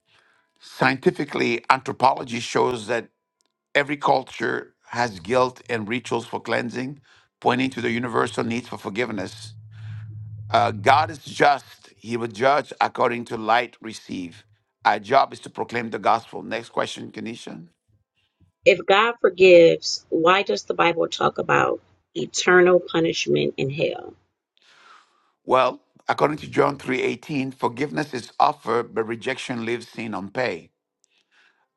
A: scientifically, anthropology shows that every culture has guilt and rituals for cleansing, pointing to the universal need for forgiveness. Uh, God is just; He will judge according to light received. Our job is to proclaim the gospel. Next question, Kenisha.
L: If God forgives, why does the Bible talk about eternal punishment in hell?
A: Well, according to John 3:18, forgiveness is offered, but rejection leaves sin unpaid.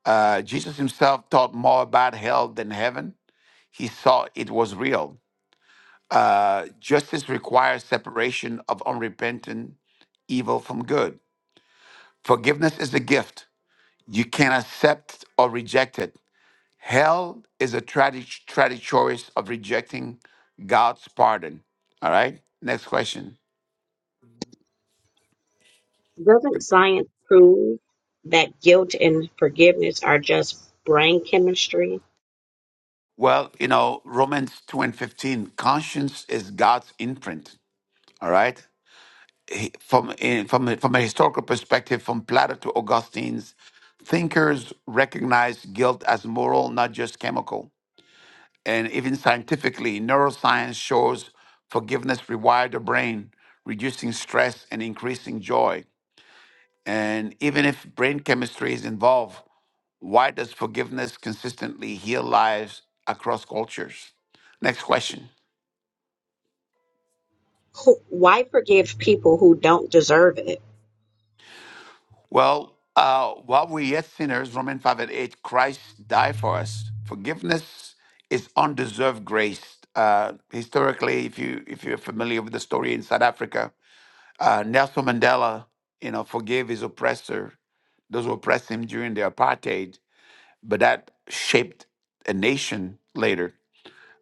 A: Uh, Jesus himself taught more about hell than heaven. He saw it was real. Uh, justice requires separation of unrepentant evil from good. Forgiveness is a gift. You can accept or reject it. Hell is a tragic, tragic choice of rejecting God's pardon. All right. Next question.
L: Doesn't science prove that guilt and forgiveness are just brain chemistry?
A: Well, you know, Romans 2 and 15, conscience is God's imprint, all right? He- From, in, from, a- from a historical perspective, from Plato to Augustine's, thinkers recognize guilt as moral, not just chemical. And even scientifically, neuroscience shows forgiveness rewired the brain, reducing stress and increasing joy. And even if brain chemistry is involved, why does forgiveness consistently heal lives across cultures? Next question.
L: Who, why forgive people who don't deserve it?
A: Well, uh, while we're yet sinners, Romans 5 and 8, Christ died for us. Forgiveness is undeserved grace. Uh, historically, if you if you're familiar with the story in South Africa, uh, Nelson Mandela, you know, forgave his oppressor, those who oppressed him during the apartheid, but that shaped a nation later.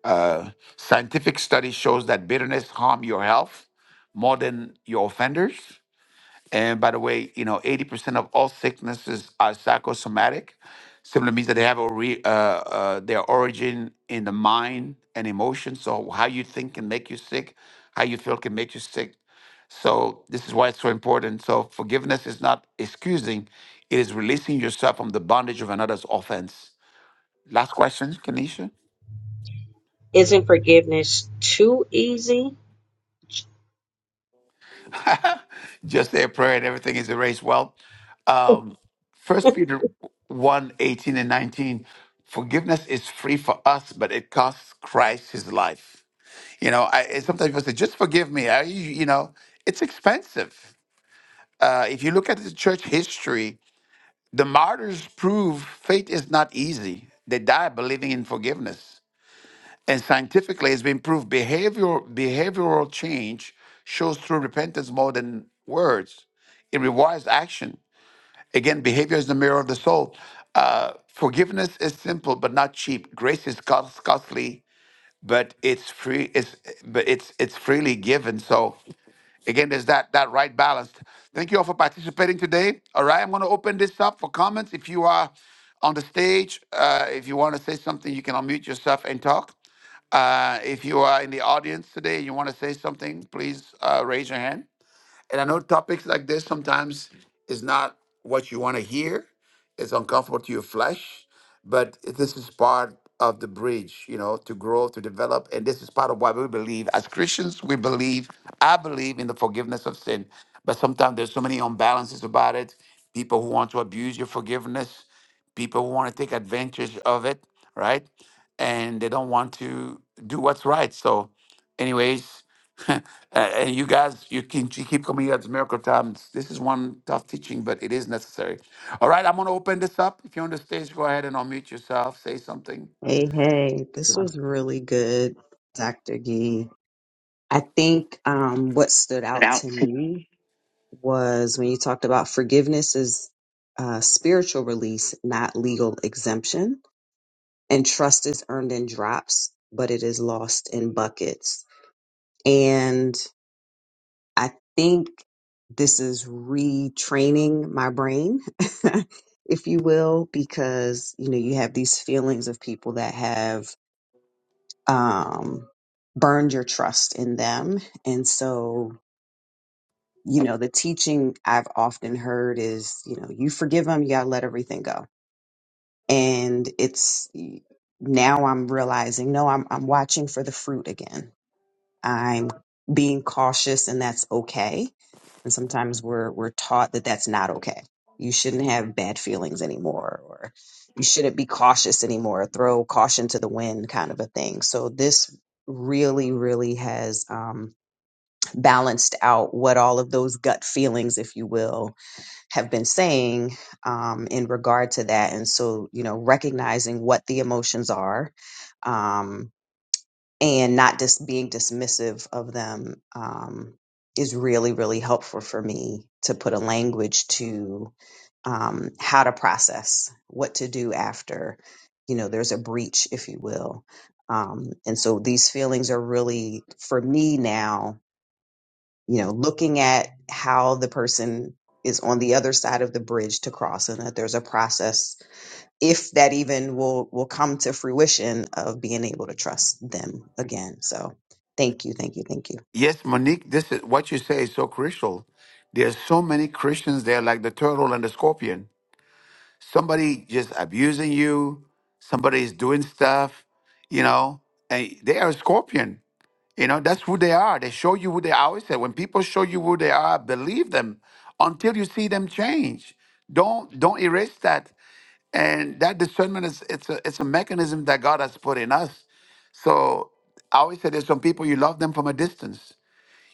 A: Uh, scientific study shows that bitterness harm your health more than your offenders and by the way, you know, 80% of all sicknesses are psychosomatic. Simply means that they have a re, uh, uh, their origin in the mind and emotion. So how you think can make you sick. How you feel can make you sick. So this is why it's so important. So forgiveness is not excusing; it is releasing yourself from the bondage of another's offense. Last question, Kanisha.
L: Isn't forgiveness too easy?
A: (laughs) Just say a prayer and everything is erased. Well,
L: (laughs)
A: um, First
L: Tanya,
A: Peter one 18 and 19, forgiveness is free for us, but it costs Christ his life. You know, I and sometimes people say, just forgive me. I, you know, it's expensive. Uh, if you look at the church history, the martyrs prove faith is not easy. They die believing in forgiveness. And scientifically, it's been proved behavioral, behavioral change shows through repentance more than words. It requires action. Again, behavior is the mirror of the soul. Uh, forgiveness is simple but not cheap. Grace is cost, costly, but it's free. It's but it's it's freely given. So again, there's that that right balance. Thank you all for participating today. All right, I'm going to open this up for comments. If you are on the stage, uh, if you want to say something, you can unmute yourself and talk. Uh, if you are in the audience today and you want to say something, please uh, raise your hand. And I know topics like this sometimes is not what you want to hear. It's uncomfortable to your flesh, but this is part of the bridge, you know, to grow, to develop. And this is part of why we believe as Christians, we believe, I believe in the forgiveness of sin. But sometimes there's so many imbalances about it. People who want to abuse your forgiveness, people who want to take advantage of it, right? And they don't want to do what's right. So, anyways, (laughs) Uh, and you guys, you can you keep coming here at the miracle times. This is one tough teaching, but it is necessary. All right, I'm going to open this up. If you're on the stage, go ahead and unmute yourself. Say something.
J: Hey, hey, this
A: Sure.
J: was really good, Dr. Gee. I think um, what stood
A: It
J: out
A: out.
J: to me was when you talked about forgiveness is uh, spiritual release, not legal exemption. and trust is earned in drops, but it is lost in buckets. And I think this is retraining my brain, (laughs) if you will, because you know you have these feelings of people that have um, burned your trust in them, and so you know the teaching I've often heard is you know you forgive them, you gotta let everything go, and it's now I'm realizing no, I'm I'm watching for the fruit again I'm being cautious and that's okay. And sometimes we're we're taught that that's not okay. You shouldn't have bad feelings anymore or you shouldn't be cautious anymore, throw caution to the wind kind of a thing. So this really really has um, balanced out what all of those gut feelings if you will have been saying um, in regard to that and so you know recognizing what the emotions are um, and not just being dismissive of them um, is really, really helpful for me to put a language to um, how to process what to do after, you know, there's a breach, if you will. Um, and so these feelings are really, for me now, you know, looking at how the person is on the other side of the bridge to cross and that there's a process if that even will will come to fruition of being able to trust them again. So thank you, thank you, thank you.
A: Yes, Monique, this is what you say is so crucial. There's so many Christians there, like the turtle and the scorpion. Somebody just abusing you. Somebody's doing stuff, you know, and they are a scorpion. You know, that's who they are. They show you who they are. I always say when people show you who they are, believe them until you see them change. Don't don't erase that. And that discernment is it's a it's a mechanism that God has put in us. So I always say there's some people you love them from a distance.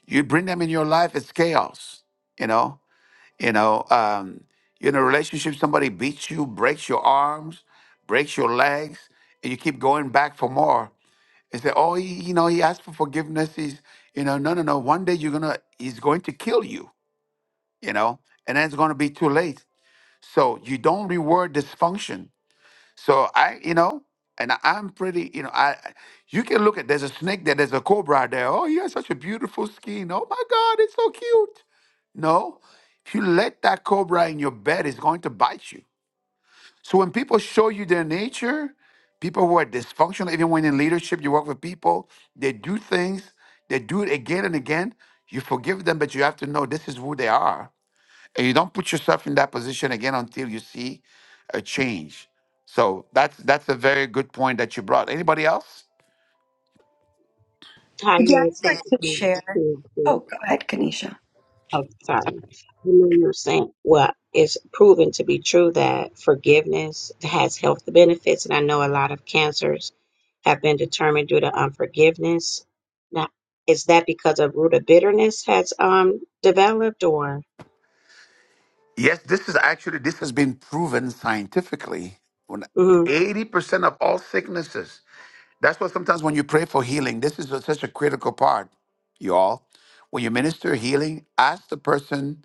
A: You bring them in your life, it's chaos. You know, you know, um, you're in a relationship, somebody beats you, breaks your arms, breaks your legs, and you keep going back for more. They say, oh, he, you know, he asked for forgiveness. He's, you know, no, no, no. One day you're gonna, he's going to kill you, you know, and then it's gonna be too late. So you don't reward dysfunction. So I, you know, and I- I'm pretty, you know, I, I- you can look at, there's a snake there, there's a cobra out there. Oh, he has such a beautiful skin. Oh my God, it's so cute. No, if you let that cobra in your bed, it's going to bite you so when people show you their nature, people who are dysfunctional, even when in leadership, you work with people, they do things, they do it again and again. You forgive them, but you have to know this is who they are. And you don't put yourself in that position again until you see a change. So that's that's a very good point that you brought. Anybody else?
N: Yeah,
L: it's not
N: I'd like to
L: forgiveness
N: share.
L: too easy.
N: Oh, go ahead, Kanisha.
L: I'm sorry. I know you're saying, well, it's proven to be true that forgiveness has health benefits, and I know a lot of cancers have been determined due to unforgiveness. Now, is that because a root of bitterness has um developed, or?
A: Yes, this is actually this has been proven scientifically. When
L: hmm
A: eighty percent of all sicknesses That's why sometimes when you pray for healing, this is a- such a critical part, y'all. When you minister healing, ask the person,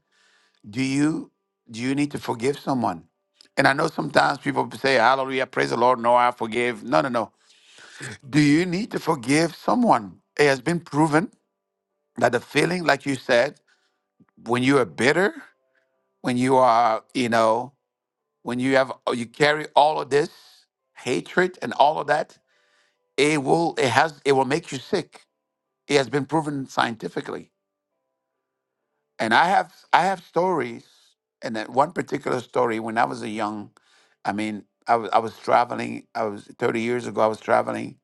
A: do you do you need to forgive someone? And I know sometimes people say, Hallelujah, praise the Lord, no, I forgive. No, no, no. Do you need to forgive someone? It has been proven that the feeling, like you said, when you are bitter, when you are, you know, when you have you carry all of this hatred and all of that, it will it has it will make you sick It has been proven scientifically. And I have I have stories, and that one particular story when I was a young, I mean, I was I was traveling. I was thirty years ago. I was traveling.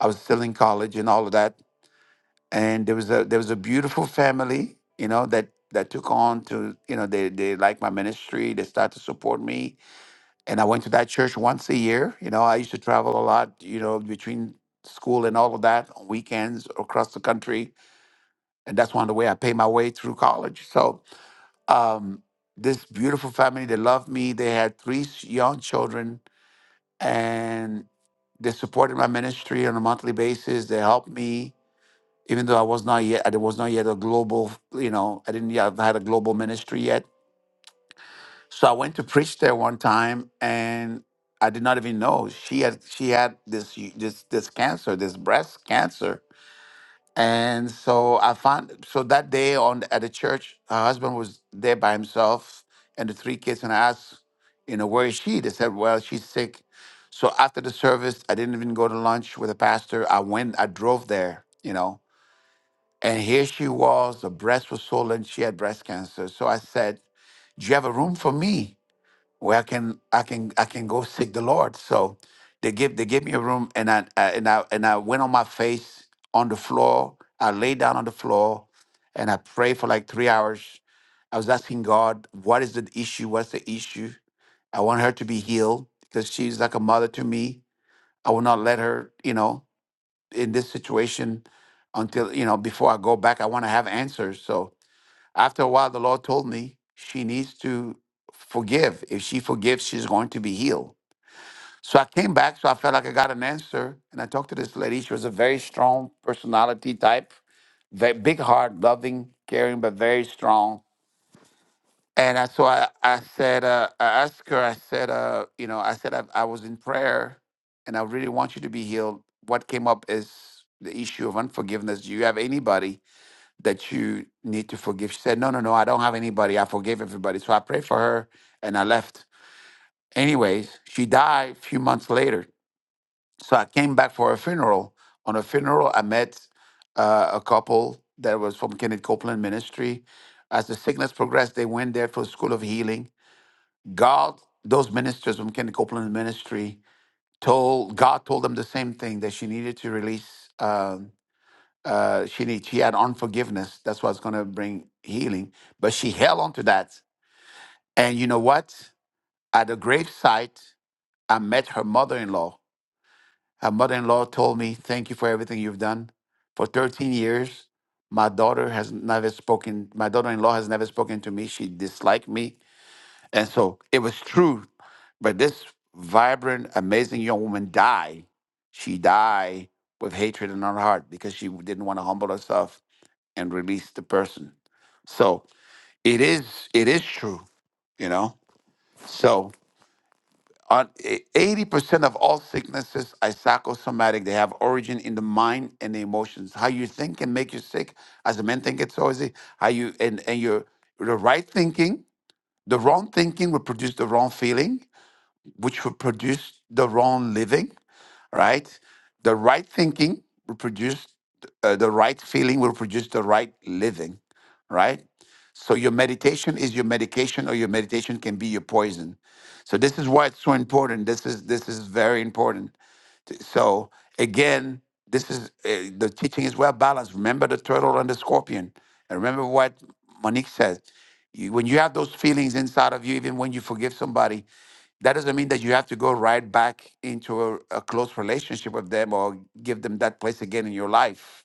A: I was still in college and all of that. And there was a there was a beautiful family, you know, that that took on to you know they they like my ministry. They started to support me, and I went to that church once a year. You know, I used to travel a lot. You know, between school and all of that on weekends across the country and that's one of the way I paid my way through college. So um, this beautiful family, they loved me. They had three s- young children, and they supported my ministry on a monthly basis. They helped me, even though I was not yet I was not yet a global, you know, I didn't yet have had a global ministry yet. So I went to preach there one time, and I did not even know she had she had this y- this this cancer, this breast cancer, And so I found so that day on at the church, her husband was there by himself and the three kids. And I asked, you know, where is she? They said, well, she's sick. So after the service, I didn't even go to lunch with the pastor. I went, I drove there, you know, and here she was. The breast was swollen. She had breast cancer. So I said, do you have a room for me? where I can I can I can go seek the Lord. So they give they gave me a room and I, I and I and I went on my face on the floor. I lay down on the floor and I prayed for like three hours. I was asking God, what is the issue? What's the issue? I want her to be healed because she's like a mother to me. I will not let her, you know, in this situation until, you know, before I go back, I want to have answers. So after a while, the Lord told me she needs to forgive. If she forgives, she's going to be healed. So I came back, so I felt like I got an answer. And I talked to this lady. She was a very strong personality type, very big heart, loving, caring, but very strong. And I, so I, I said, uh, I asked her, I said, uh, you know, I said, I, I was in prayer and I really want you to be healed. What came up is the issue of unforgiveness. Do you have anybody? that you need to forgive. She said, No, no, no, I don't have anybody. I forgave everybody. So I prayed for her and I left. Anyways, she died a few months later. So I came back for her funeral. On her funeral, I met uh, a couple that was from Kenneth Copeland Ministry. As the sickness progressed, they went there for School of Healing. God, those ministers from Kenneth Copeland Ministry, told God told them the same thing that she needed to release. um, uh, she need, she had unforgiveness. That's what's going to bring healing. But she held on to that. And you know what? At the gravesite, I met her mother-in-law. Her mother-in-law told me, "Thank you for everything you've done for 13 years. My daughter has never spoken. My daughter-in-law has never spoken to me. She disliked me, and so it was true. But this vibrant, amazing young woman died. She died with hatred in her heart because she didn't want to humble herself and release the person. So it is it is true, you know. So on e, eighty percent of all sicknesses are psychosomatic. They have origin in the mind and the emotions. How you think can make you sick. As the men think it's so easy. How you and and your the right thinking, the wrong thinking will produce the wrong feeling, which will produce the wrong living right? The right thinking will produce uh, the right feeling, will produce the right living, right? So your meditation is your medication, or your meditation can be your poison. So this is why it's so important. This is this is very important Th- So again, this is uh, the teaching is well balanced. Remember the turtle and the scorpion, and remember what Monique says. You, when you have those feelings inside of you, even when you forgive somebody, that doesn't mean that you have to go right back into a, a close relationship with them or give them that place again in your life.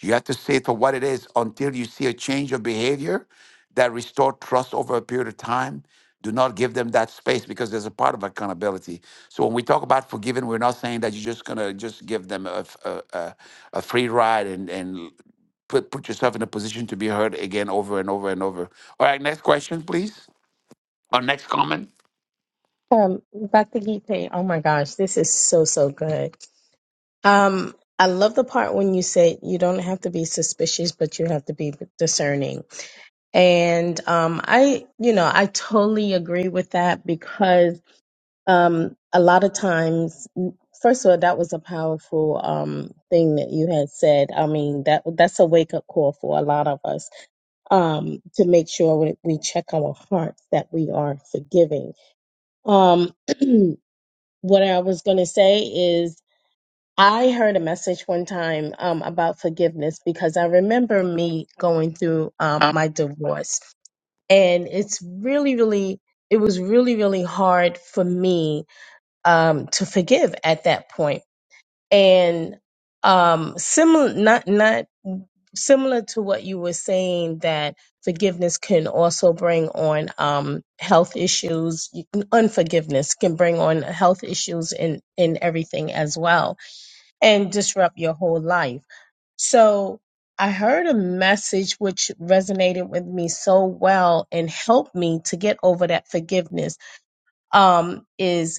A: You have to see it for what it is until you see a change of behavior that restore trust over a period of time. Do not give them that space because there's a part of accountability. So when we talk about forgiving, we're not saying that you're just gonna just give them a f- a, a- a free ride and and put put yourself in a position to be hurt again over and over and over. All right, next question, please, or next comment.
M: Um, Dr. Gipe, oh my gosh, this is so, so good. Um, I love the part when you said you don't have to be suspicious, but you have to be discerning. And um, I, you know, I totally agree with that because um, a lot of times, first of all, that was a powerful um, thing that you had said. I mean, that that's a wake up call for a lot of us um, to make sure we we check our hearts that we are forgiving. Um, (clears throat) what I was going to say is, I heard a message one time um, about forgiveness because I remember me going through um,
A: Um,
M: my divorce. And it's really, really, it was really, really hard for me um, to forgive at that point. And um, similar, not, not similar to what you were saying that forgiveness can also bring on um, health issues You- unforgiveness can bring on health issues in in everything as well and disrupt your whole life so i heard a message which resonated with me so well and helped me to get over that forgiveness um, is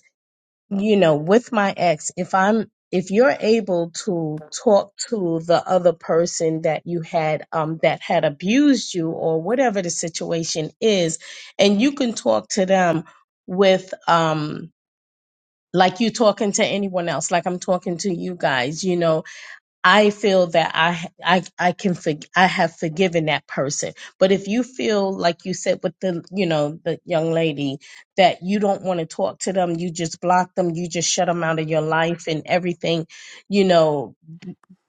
M: you know, with my ex, if I'm if you're able to talk to the other person that you had um that had abused you or whatever the situation is, and you can talk to them with um like you talking to anyone else, like I'm talking to you guys, you know, I feel that I I I can for, I have forgiven that person. But if you feel like you said with the you know the young lady that you don't want to talk to them, you just block them, you just shut them out of your life and everything, you know,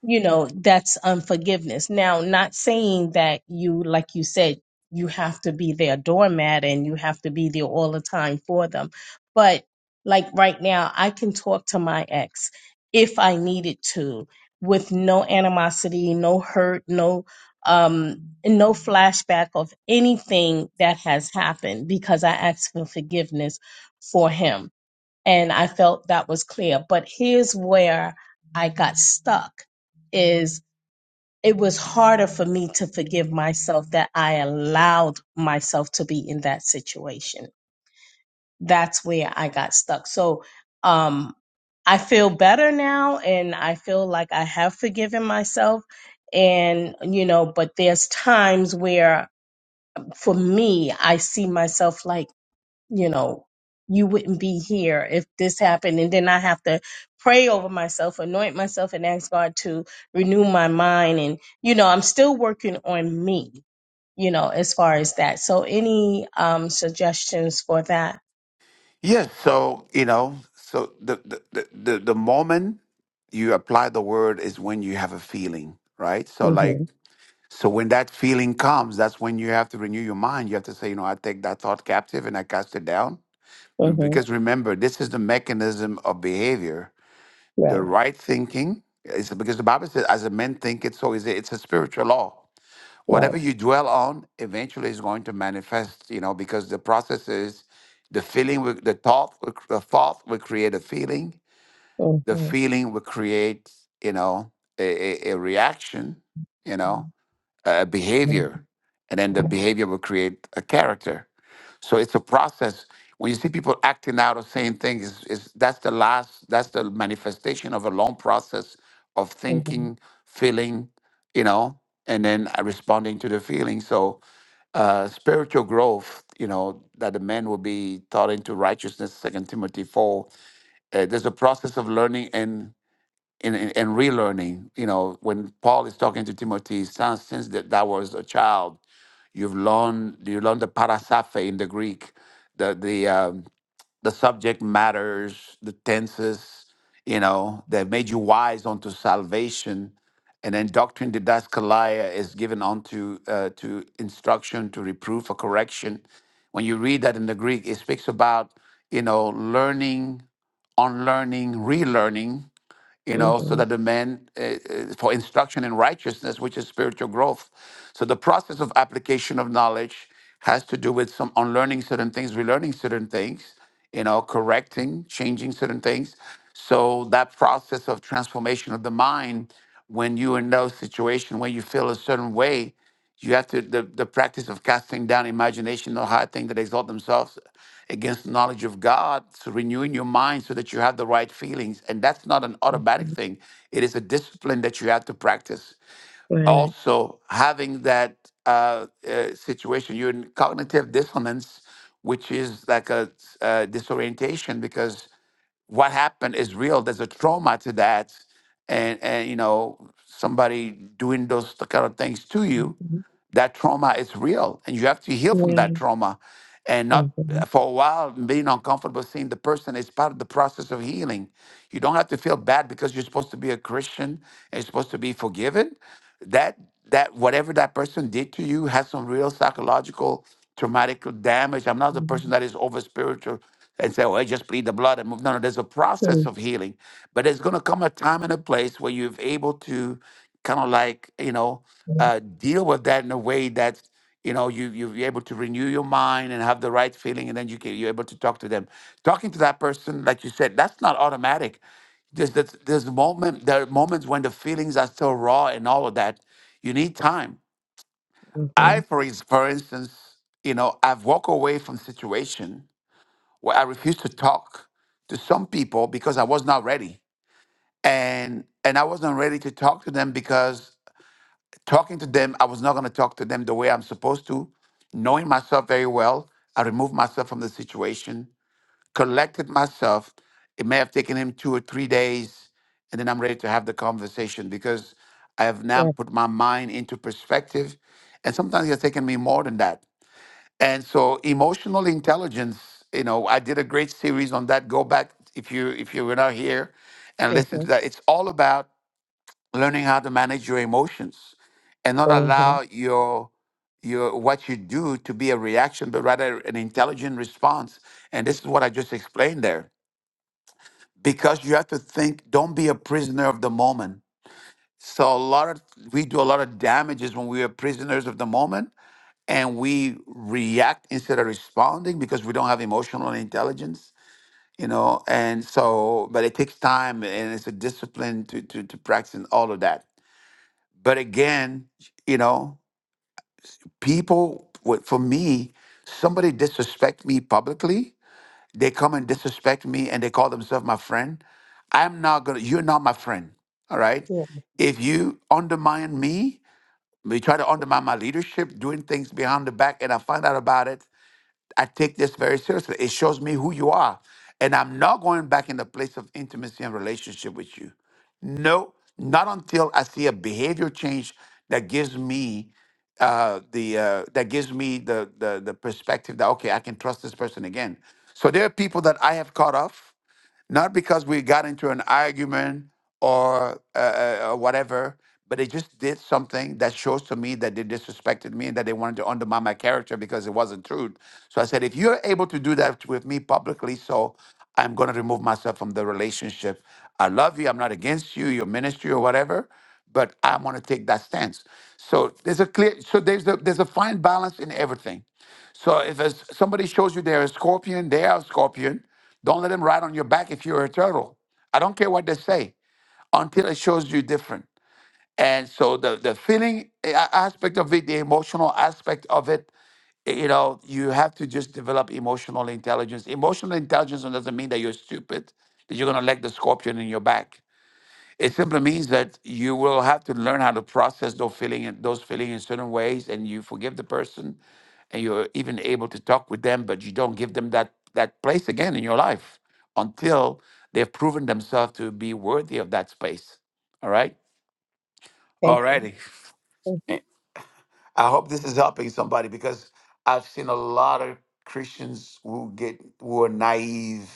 M: you know that's unforgiveness. Now, not saying that you like you said you have to be their doormat and you have to be there all the time for them, but like right now, I can talk to my ex if I needed to with no animosity, no hurt, no um no flashback of anything that has happened because I asked for forgiveness for him. And I felt that was clear. But here's where I got stuck is it was harder for me to forgive myself that I allowed myself to be in that situation that's where I got stuck. So um I feel better now and I feel like I have forgiven myself and you know but there's times where for me I see myself like you know you wouldn't be here if this happened and then I have to pray over myself anoint myself and ask God to renew my mind and you know I'm still working on me you know as far as that so any um suggestions for that
A: Yes. So you know, so the the the, the the moment you apply the word is when you have a feeling, right? So like
M: Mhm.
A: So when that feeling comes, that's when you have to renew your mind. You have to say, you know, I take that thought captive and I cast it down.
M: Mhm.
A: Because remember, this is the mechanism of behavior. The
M: Right.
A: right thinking is because the Bible says, as a man thinketh, so is it. It's a spiritual law. Whatever
M: Right.
A: you dwell on, eventually is going to manifest. You know, because the process is the feeling, will, the thought, will- the thought will create a feeling. The
M: Mhm.
A: feeling will create, you know, a, a, a reaction. You know, a
M: Mhm.
A: behavior, and then the behavior will create a character. So it's a process. When you see people acting out or saying things, is is that's the last, that's the manifestation of a long process of
M: Mhm.
A: thinking, feeling, you know, and then uh, responding to the feeling. So uh, spiritual growth, you know, that the man will be taught into righteousness, Second Timothy 4. Uh, there's a process of learning and and, and, and relearning. You know, when Paul is talking to Timothy, son, since that thou was a child, you've learned you learned the parasaphe in the Greek, the the um, the subject matters, the tenses. You know, that made you wise unto salvation. And then doctrine didaskalia is given unto uh, to instruction, to reproof, or correction. When you read that in the Greek, it speaks about you know learning, unlearning, relearning you know, so
M: Mhm.
A: that the man uh, uh, for instruction in righteousness, which is spiritual growth. So the process of application of knowledge has to do with some unlearning certain things, relearning certain things, you know, correcting, changing certain things. So that process of transformation of the mind, when you're in those situation where you feel a certain way, you have to the, the practice of casting down imagination or high thing that exalt themselves against knowledge of God, so renewing your mind so that you have the right feelings. And that's not an automatic
M: mhm,
A: thing, it is a discipline that you have to practice.
M: Right.
A: Also, having that uh, uh, situation, you're in cognitive dissonance, which is like a, uh disorientation because what happened is real. There's a trauma to that. And, and you know, somebody doing those kind of things to you
M: Mhm.
A: that trauma is real and you have to heal from
M: Yeah.
A: that trauma and not
M: Mhm.
A: for a while being uncomfortable seeing the person is part of the process of healing you don't have to feel bad because you're supposed to be a christian and you're supposed to be forgiven that that whatever that person did to you has some real psychological traumatic damage i'm not the
M: Mhm.
A: person that is over spiritual and say, well, just bleed the blood and move. No, no, there's a process
M: Mhm.
A: of healing. But there's going to come a time and a place where you're able to kind of like you know uh, deal with that in a way that you know you you're able to renew your mind and have the right feeling, and then you can, you're able to talk to them. Talking to that person, like you said, that's not automatic. There's there's, there's moment there are moments when the feelings are so raw and all of that. You need time. I,
M: Mhm.
A: for ins- for instance, you know, I've walked away from situation where I refused to talk to some people because I was not ready and and I wasn't ready to talk to them because Talking to them, I was not going to talk to them the way I'm supposed to. Knowing myself very well, I removed myself from the situation, collected myself. It may have taken him two or three days, and then I'm ready to have the conversation because I have now
M: Yeah.
A: put my mind into perspective. And sometimes it's taken me more than that. And so emotional intelligence, you know, I did a great series on that. Go back if you if you were not here and listen to
M: Mhm.
A: that. It's all about learning how to manage your emotions and not
M: Mhm.
A: allow your your what you do to be a reaction but rather an intelligent response and this is what i just explained there because you have to think don't be a prisoner of the moment so a lot of we do a lot of damages when we are prisoners of the moment and we react instead of responding because we don't have emotional intelligence you know and so but it takes time and it's a discipline to to, to practice and all of that But again, you know, people, what- for me, somebody disrespect me publicly, they come and disrespect me and they call themselves my friend. I'm not gonna, you're not my friend. All right.
M: Yeah.
A: If you undermine me, you try to undermine my leadership, doing things behind the back, and I find out about it, I take this very seriously. It shows me who you are. And I'm not going back in the place of intimacy and relationship with you. No, not until I see a behavior change that gives me uh, the uh, that gives me the, the the perspective that okay, I can trust this person again. So there are people that I have cut off not because we got into an argument or uh, uh, uh, whatever, but they just did something that shows to me that they disrespected me and that they wanted to undermine my character because it wasn't true. So I said, if you're able to do that with me publicly, so I'm going to remove myself from the relationship. I love you. I'm not against you, your ministry or whatever, but I want to take that stance. So there's a clear, so there's a there's a fine balance in everything. So if a, somebody shows you they're a scorpion, they are a scorpion. Don't let them ride on your back if you're a turtle. I don't care what they say until it shows you different. And so the the feeling eh, a- aspect of it, the emotional aspect of it, eh, you know, you have to just develop emotional intelligence. Emotional intelligence doesn't mean that you're stupid, that you're gonna let the scorpion in your back. It simply means that you will have to learn how to process those feeling in- those feeling in certain ways, and you forgive the person, and you're even able to talk with them, but you don't give them that that place again in your life until they've proven themselves to be worthy of that space. All right,
M: Thank
A: all
M: you.
A: righty.
M: Mhm.
A: Eh, I hope this is helping somebody because I've seen a lot of Christians who get who are naive,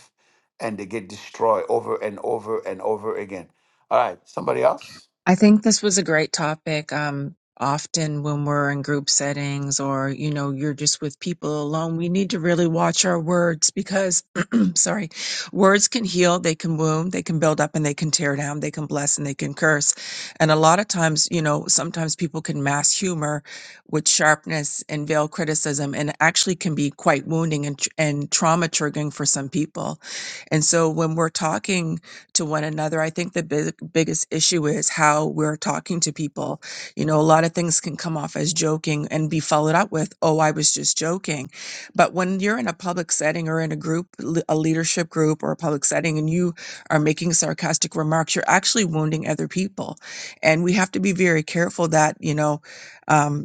A: and they get destroyed over and over and over again. All right, somebody else.
G: I think this was a great topic. Um, often when we're in group settings or, you know, you're just with people alone, we need to really watch our words because, (clears throat) sorry, words can heal, they can wound, they can build up and they can tear down, they can bless and they can curse. And a lot of times, you know, sometimes people can mass humor with sharpness and veil criticism and actually can be quite wounding and, tr- and trauma triggering for some people. And so when we're talking, to one another. I think the big, biggest issue is how we're talking to people. You know, a lot of things can come off as joking and be followed up with, oh, I was just joking. But when you're in a public setting or in a group, le- a leadership group or a public setting, and you are making sarcastic remarks, you're actually wounding other people. And we have to be very careful that, you know, um,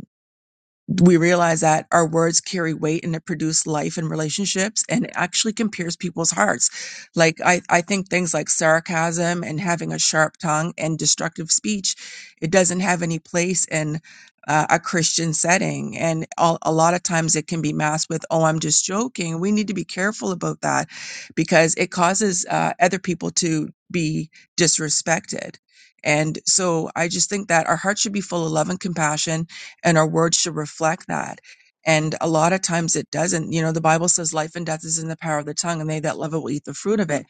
G: we realize that our words carry weight and it produce life in relationships and it actually can pierce people's hearts. Like I, I think things like sarcasm and having a sharp tongue and destructive speech, it doesn't have any place in uh, a Christian setting. And a, a lot of times it can be masked with, oh, I'm just joking. We need to be careful about that because it causes uh, other people to be disrespected. And so I just think that our hearts should be full of love and compassion and our words should reflect that. And a lot of times it doesn't. You know, the Bible says life and death is in the power of the tongue, and they that love it will eat the fruit of it.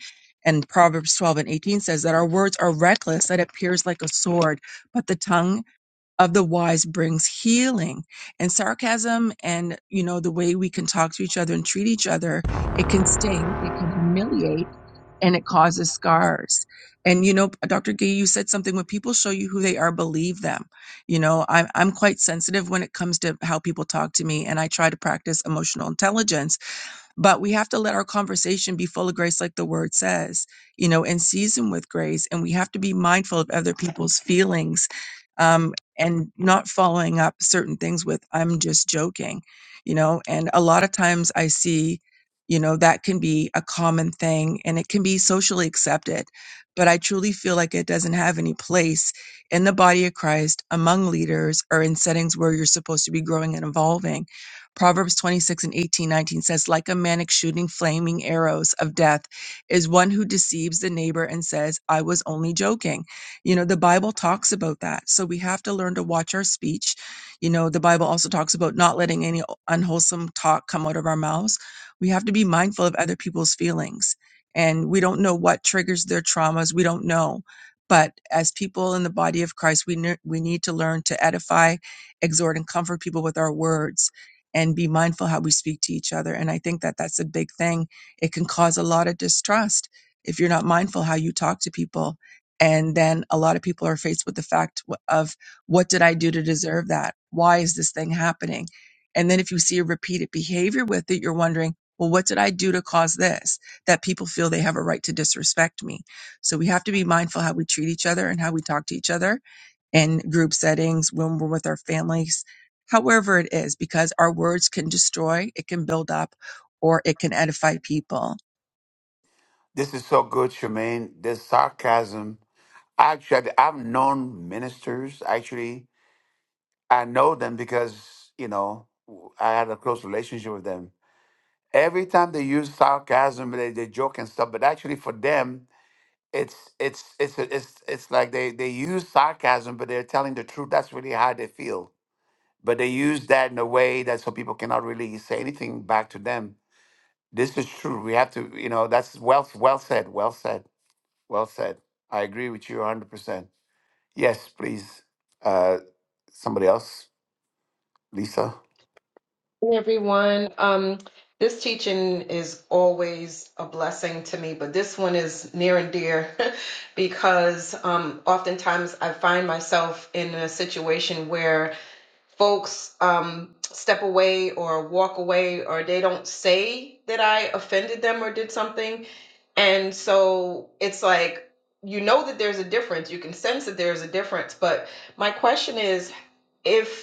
G: And Proverbs 12 and 18 says that our words are reckless, that it appears like a sword, but the tongue of the wise brings healing. And sarcasm and, you know, the way we can talk to each other and treat each other, it can sting, it can humiliate and it causes scars. And you know, Dr. Gay, you said something when people show you who they are, believe them. You know, I'm I'm quite sensitive when it comes to how people talk to me, and I try to practice emotional intelligence but we have to let our conversation be full of grace like the word says you know and seasoned with grace and we have to be mindful of other people's feelings um, and not following up certain things with i'm just joking you know and a lot of times i see you know that can be a common thing and it can be socially accepted but i truly feel like it doesn't have any place in the body of christ among leaders or in settings where you're supposed to be growing and evolving Proverbs 26 and 18, 19 says, Like a man shooting flaming arrows of death is one who deceives the neighbor and says, I was only joking. You know, the Bible talks about that. So we have to learn to watch our speech. You know, the Bible also talks about not letting any unwholesome talk come out of our mouths. We have to be mindful of other people's feelings. And we don't know what triggers their traumas. We don't know. But as people in the body of Christ, we, ne- we need to learn to edify, exhort, and comfort people with our words and be mindful how we speak to each other. And I think that that's a big thing. It can cause a lot of distrust if you're not mindful how you talk to people. And then a lot of people are faced with the fact of what did I do to deserve that? Why is this thing happening? And then if you see a repeated behavior with it, you're wondering, well, what did I do to cause this? That people feel they have a right to disrespect me. So we have to be mindful how we treat each other and how we talk to each other in group settings when we're with our families however it is, because our words can destroy, it can build up, or it can edify people.
A: This is so good, Charmaine. This sarcasm. Actually, I've known ministers. Actually, I know them because you know I had a close relationship with them. Every time they use sarcasm, they, they joke and stuff. But actually, for them, it's it's it's it's it's like they they use sarcasm, but they're telling the truth. That's really how they feel. But they use that in a way that so people cannot really say anything back to them. This is true. We have to, you know. That's well well said. Well said. Well said. I agree with you 100%. Yes, please. Uh, somebody else, Lisa?
O: Hey, everyone. Um, this teaching is always a blessing to me, but this one is near and dear (laughs) because um, oftentimes I find myself in a situation where folks um, step away or walk away or they don't say that I offended them or did something. And so it's like, you know that there's a difference. You can sense that there's a difference. But my question is, if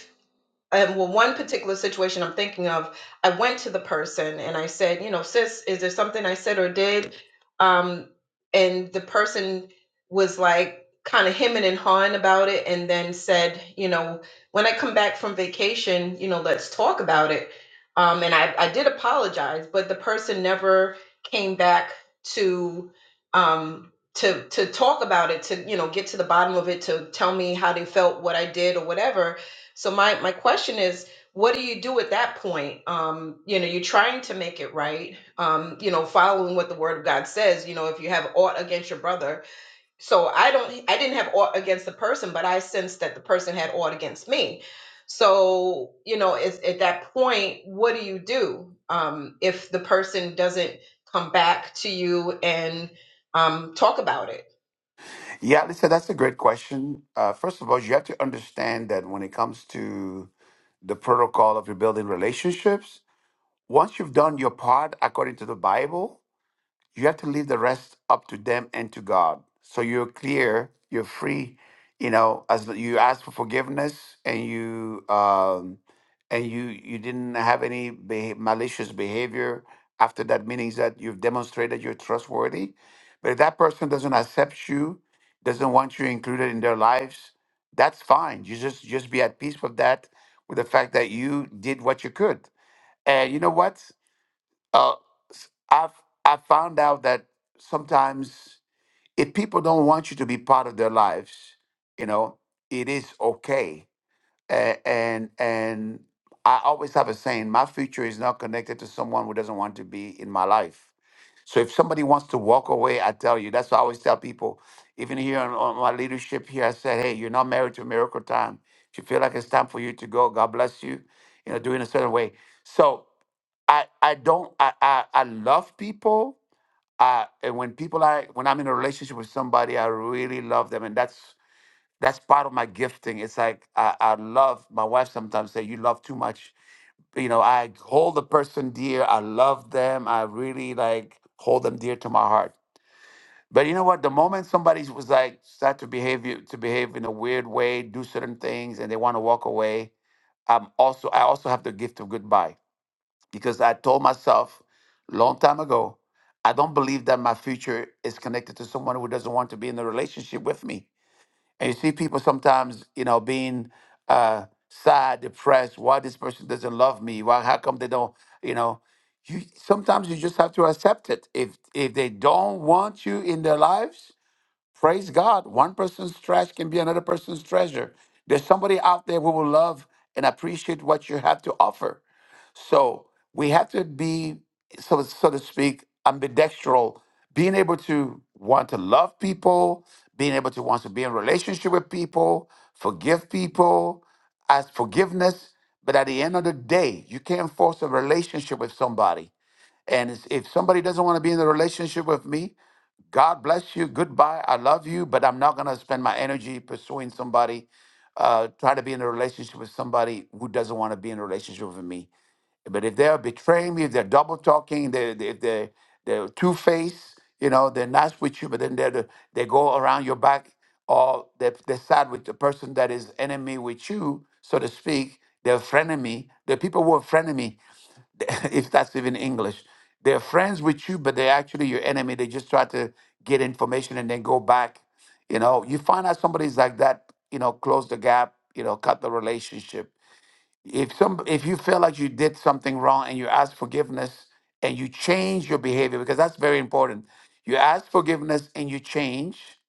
O: and well, one particular situation I'm thinking of, I went to the person and I said, you know, sis, is there something I said or did? Um, and the person was like kind of hemming and hawing about it and then said, you know, when I come back from vacation, you know, let's talk about it. Um, and I, I did apologize, but the person never came back to um to to talk about it, to, you know, get to the bottom of it, to tell me how they felt, what I did or whatever so my my question is, what do you do at that point? Um, you know, you're trying to make it right. Um, you know, following what the word of God says. You know, if you have aught against your brother, so I don't, I didn't have aught against the person, but I sensed that the person had aught against me. So you know, it's, at that point, what do you do um, if the person doesn't come back to you and um, talk about it?
A: Yeah, Lisa, that's a great question. Uh, first of all, you have to understand that when it comes to the protocol of rebuilding relationships, once you've done your part according to the Bible, You have to leave the rest up to them and to God. So you're clear, you're free, you know, as l- you ask for forgiveness and you um and you you didn't have any beha- malicious behavior after that meaning that you've demonstrated you're trustworthy. But if that person doesn't accept you, doesn't want you included in their lives, that's fine. You just just be at peace with that, with the fact that you did what you could. And you know what? uh, s- I've I found out that sometimes if people don't want you to be part of their lives, you know, it is okay. A- And and I always have a saying: my future is not connected to someone who doesn't want to be in my life. So if somebody wants to walk away, I tell you, that's what I always tell people. Even here on, on my leadership here, I said, hey, you're not married to miracle time. If you feel like it's time for you to go, God bless you. You know, do it in a certain way. So I I don't I I, I love people. I and when people I when I'm in a relationship with somebody, I really love them, and that's that's part of my gifting. It's like I, I love my wife. Sometimes say you love too much. You know, I hold the person dear. I love them. I really like hold them dear to my heart. But you know what? The moment somebody was like start to behave you- to behave in a weird way, do certain things, and they want to walk away, I'm also I also have the gift of goodbye because I told myself long time ago, I don't believe that my future is connected to someone who doesn't want to be in a relationship with me. And you see people sometimes, you know, being uh, sad, depressed. Why this person doesn't love me? Why? How come they don't? You know, you sometimes you just have to accept it. If if they don't want you in their lives, Praise God. One person's trash can be another person's treasure. There's somebody out there who will love and appreciate what you have to offer. So we have to be, so, so to speak, ambidextrous, being able to want to love people, being able to want to be in relationship with people, forgive people, ask forgiveness. But at the end of the day, you can't force a relationship with somebody. And it's- if somebody doesn't want to be in a relationship with me, God bless you. Goodbye. I love you, but I'm not going to spend my energy pursuing somebody, uh, try to be in a relationship with somebody who doesn't want to be in a relationship with me. But if they're betraying me, if they're double talking, they, they, if they, they're two faced, you know, they're nice with you, but then they're the, they go around your back or they, they side with the person that is enemy with you, so to speak. They're frenemy. The people who are frenemy, (laughs) if that's even English, they're friends with you, but they're actually your enemy. They just try to get information and then go back. You know, you find out somebody's like that, you know, close the gap, you know, cut the relationship if some if you feel like you did something wrong and you ask forgiveness and you change your behavior because that's very important you ask forgiveness and you change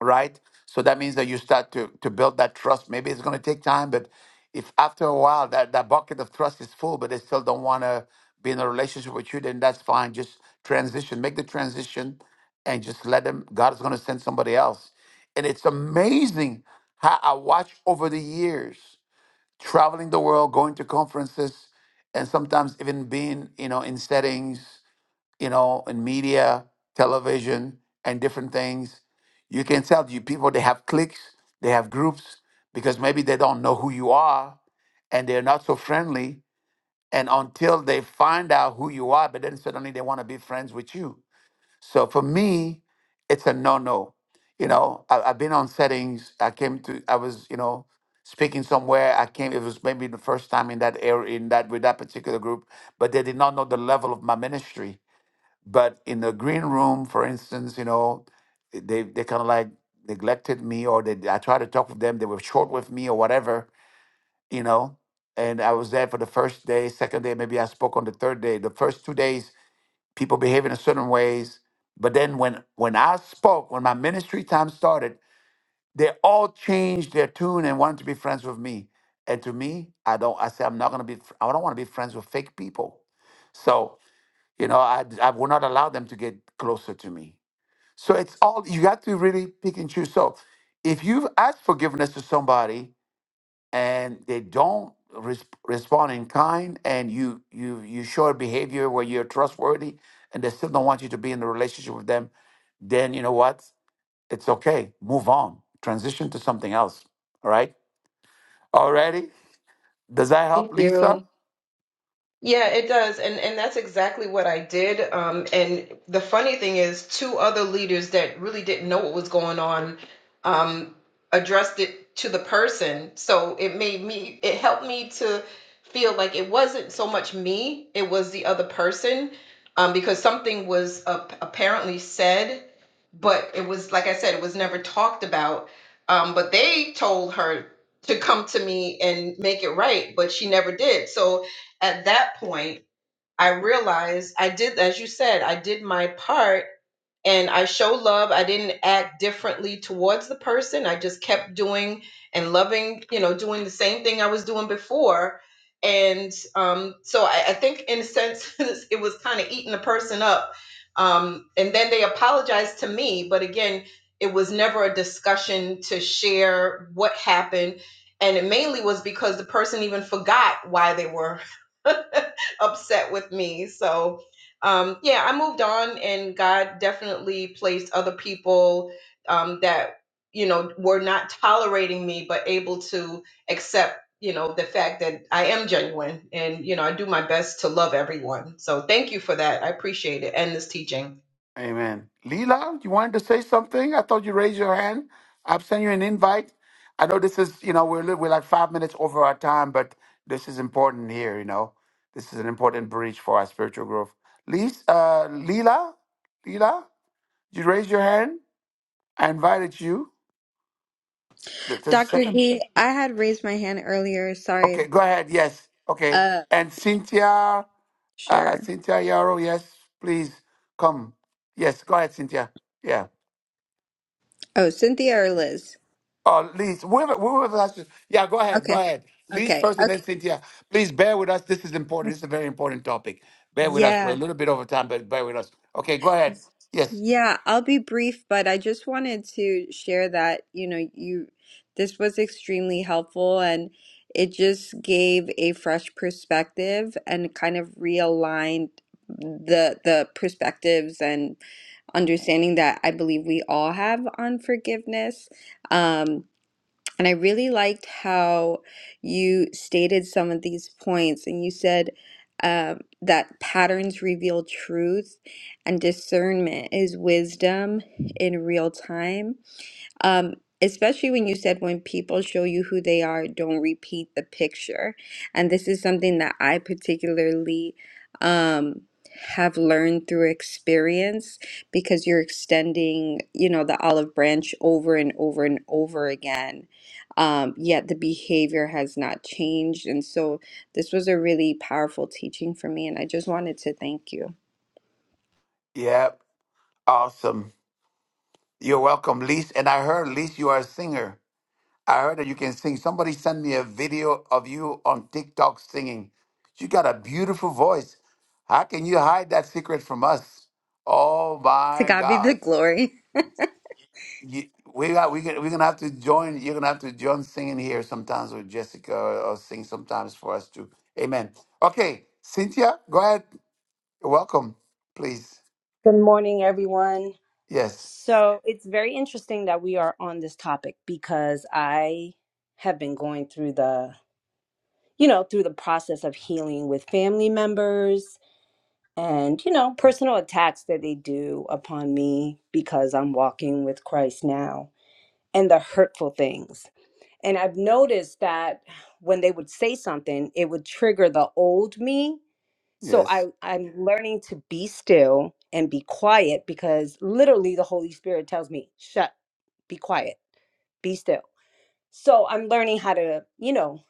A: right so that means that you start to to build that trust maybe it's going to take time but if after a while that that bucket of trust is full but they still don't want to be in a relationship with you then that's fine just transition make the transition and just let them god is going to send somebody else and it's amazing how i watch over the years traveling the world, going to conferences, and sometimes even being, you know, in settings, you know, in media, television, and different things. You can tell you people they have cliques, they have groups because maybe they don't know who you are and they're not so friendly. And until they find out who you are, but then suddenly they want to be friends with you so for me, it's a no-no. You know, I, I've been on settings. I came to, I was, you know, speaking somewhere. I came. It was maybe the first time in that area, in that with that particular group, but they did not know the level of my ministry. But in the green room, for instance, you know, they they kind of like neglected me, or they I tried to talk with them. They were short with me, or whatever, you know. And I was there for the first day, second day, maybe I spoke on the third day. The first two days, people behaving in certain ways. But then when when I spoke, when my ministry time started, they all changed their tune and wanted to be friends with me. And to me, I don't. I said I'm not gonna be. fr- I don't want to be friends with fake people. So you know, I I will not allow them to get closer to me. So it's all you got to really pick and choose. So if you've asked forgiveness to somebody and they don't res- respond in kind and you you you show a behavior where you're trustworthy and they still don't want you to be in a relationship with them then you know what it's okay move on transition to something else all right already does that help
O: Thank
A: lisa
O: you. Yeah, it does. And and that's exactly what I did. Um, and the funny thing is two other leaders that really didn't know what was going on um, addressed it to the person. So it made me it helped me to feel like it wasn't so much me, it was the other person um, because something was ap- apparently said, but it was like I said, it was never talked about. Um, but they told her to come to me and make it right, but she never did. So at that point, I realized I did, as you said, I did my part and I show love. I didn't act differently towards the person. I just kept doing and loving, you know, doing the same thing I was doing before. And um, so I, I think, in a sense, (laughs) it was kind of eating the person up. Um, and then they apologized to me. But again, it was never a discussion to share what happened. And it mainly was because the person even forgot why they were (laughs) upset with me. So, um, yeah, I moved on, and God definitely placed other people um, that you know were not tolerating me, but able to accept you know the fact that I am genuine, and you know I do my best to love everyone. So thank you for that. I appreciate it and this teaching.
A: Amen. Leela, you wanted to say something? I thought you raised your hand. I've sent you an invite. I know this is, you know, we're li- we're like five minutes over our time, but this is important here. You know, this is an important breach for our spiritual growth. Lees, uh, Leela, Leela, you raised your hand. I invited you. Th- Just a
N: Dr.
A: second.
N: Gee, I had raised my hand earlier. Sorry.
A: Okay, go ahead. Yes. Okay.
N: Uh,
A: And Cynthia, uh,
N: sure.
A: Cynthia Yarrow, yes, please come. Yes, go ahead, Cynthia. Yeah.
N: Oh, Cynthia or Liz?
A: Uh, Lise, whoever, whoever else is- yeah, go ahead, go
N: Okay.
A: ahead. Lise
N: Okay.
A: first and then
N: Okay.
A: Cynthia. Please bear with us. This is important.
N: (laughs)
A: This is a very important topic. Bear with us. We're
N: Yeah.
A: a little bit over time, but bear with us. Okay, go ahead. Yes.
N: Yeah, I'll be brief, but I just wanted to share that, you know, you this was extremely helpful and it just gave a fresh perspective and kind of realigned the the perspectives and understanding that I believe we all have on forgiveness. Um, and I really liked how you stated some of these points, and you said um, that patterns reveal truth and discernment is wisdom in real time um, especially when you said when people show you who they are, don't repeat the picture. And this is something that I particularly um, have learned through experience because you're extending, you know, the olive branch over and over and over again. Um, yet the behavior has not changed. And so this was a really powerful teaching for me. And I just wanted to thank you.
A: Yeah, awesome. You're welcome, Lise. And I heard, Lise, you are a singer. I heard that you can sing. Somebody sent me a video of you on TikTok singing. You got a beautiful voice. How can you hide that secret from us? Oh
N: To
A: my
N: God be the
A: God.
N: glory.
A: you, we got we gonna, we're gonna have to join. You're gonna have to join singing here sometimes with Jessica, or, or sing sometimes for us too. Amen. Okay, Cynthia, go ahead. Welcome, please.
P: Good morning, everyone.
A: Yes,
P: So it's very interesting that we are on this topic because I have been going through the, you know, through the process of healing with family members and, you know, personal attacks that they do upon me because I'm walking with Christ now and the hurtful things. And I've noticed that when they would say something, it would trigger the old me. So
A: yes,
P: I, I'm learning to be still and be quiet because literally the Holy Spirit tells me, shut, be quiet, be still. So I'm learning how to, you know,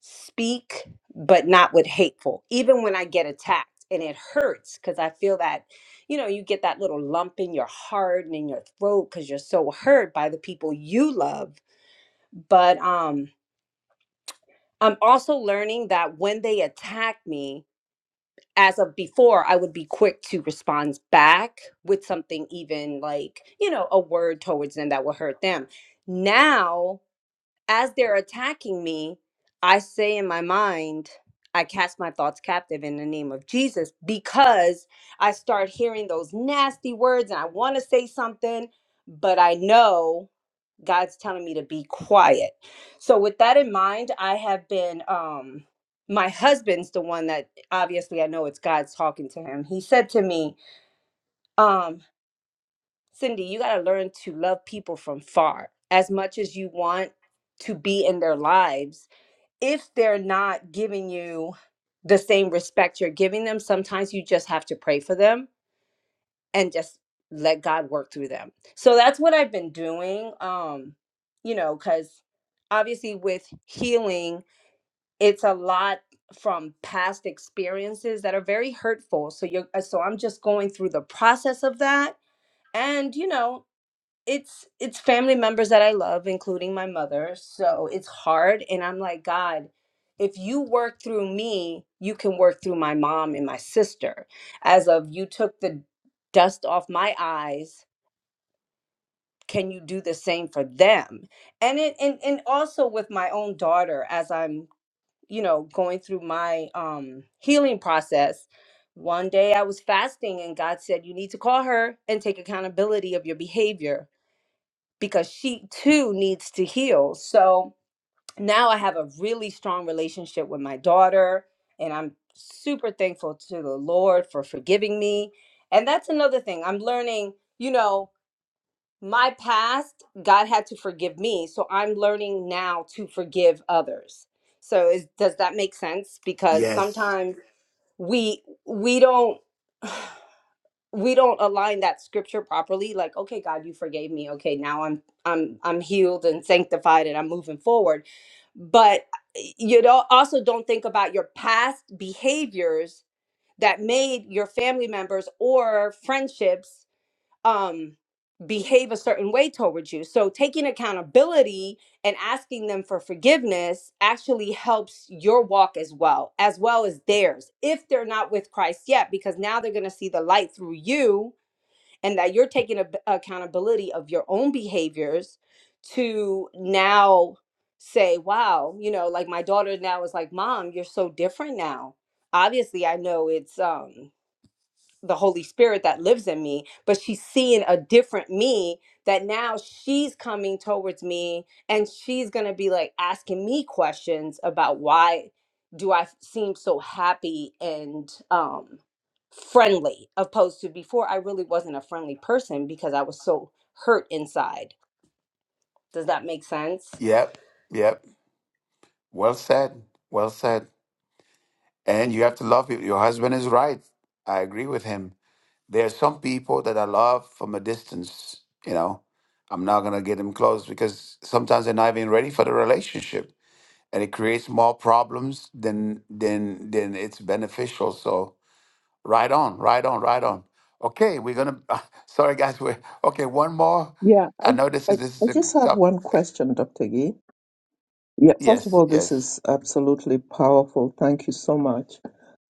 P: speak, but not with hateful, even when I get attacked. And it hurts because I feel that, you know, you get that little lump in your heart and in your throat because you're so hurt by the people you love. But um, I'm also learning that when they attack me, as of before, I would be quick to respond back with something, even like, you know, a word towards them that will hurt them. Now, as they're attacking me, I say in my mind, I cast my thoughts captive in the name of Jesus because I start hearing those nasty words and I want to say something, but I know God's telling me to be quiet. So with that in mind, I have been um my husband's the one that obviously I know it's God's talking to him. He said to me, um, Cindy, you gotta learn to love people from far as much as you want to be in their lives. If they're not giving you the same respect you're giving them, sometimes you just have to pray for them and just let God work through them. So that's what I've been doing. Um, you know, because obviously with healing, it's a lot from past experiences that are very hurtful. So you're uh, so I'm just going through the process of that. And you know, it's it's family members that I love, including my mother. So it's hard, and I'm like, God, if you work through me, you can work through my mom and my sister. As of you took the dust off my eyes, can you do the same for them? And it and and also with my own daughter, as I'm you know going through my um healing process. One day I was fasting and God said, You need to call her and take accountability of your behavior because she too needs to heal. So now I have a really strong relationship with my daughter, and I'm super thankful to the Lord for forgiving me. And that's another thing I'm learning, you know, my past, God had to forgive me. So I'm learning now to forgive others. So is, does that make sense? Because
A: yes.
P: sometimes we we don't (sighs) we don't align that scripture properly like okay god you forgave me okay now i'm i'm i'm healed and sanctified and i'm moving forward but you don't also don't think about your past behaviors that made your family members or friendships um behave a certain way towards you so taking accountability and asking them for forgiveness actually helps your walk as well as well as theirs if they're not with christ yet because now they're going to see the light through you and that you're taking ab- accountability of your own behaviors to now say, wow, you know, like my daughter now is like, mom, you're so different now. Obviously, I know it's um the Holy Spirit that lives in me, but she's seeing a different me that now she's coming towards me and she's going to be like asking me questions about why do I seem so happy and um friendly opposed to before I really wasn't a friendly person because I was so hurt inside. Does that make sense?
A: Yep, yep. Well said. Well said. And you have to love it. Your husband is right. I agree with him. There are some people that I love from a distance. You know, I'm not gonna get them close because sometimes they're not even ready for the relationship and it creates more problems than than than it's beneficial. So right on, right on, right on. Okay, we're gonna. (laughs) sorry, guys. We're okay. One more.
B: Yeah. I,
A: I know this is
B: I,
A: this
B: I
A: is a g-
B: just have
A: top.
B: one question, Dr. Gee. Yeah, first of
A: Yes,
B: all, this
A: yes.
B: is absolutely powerful. Thank you so much.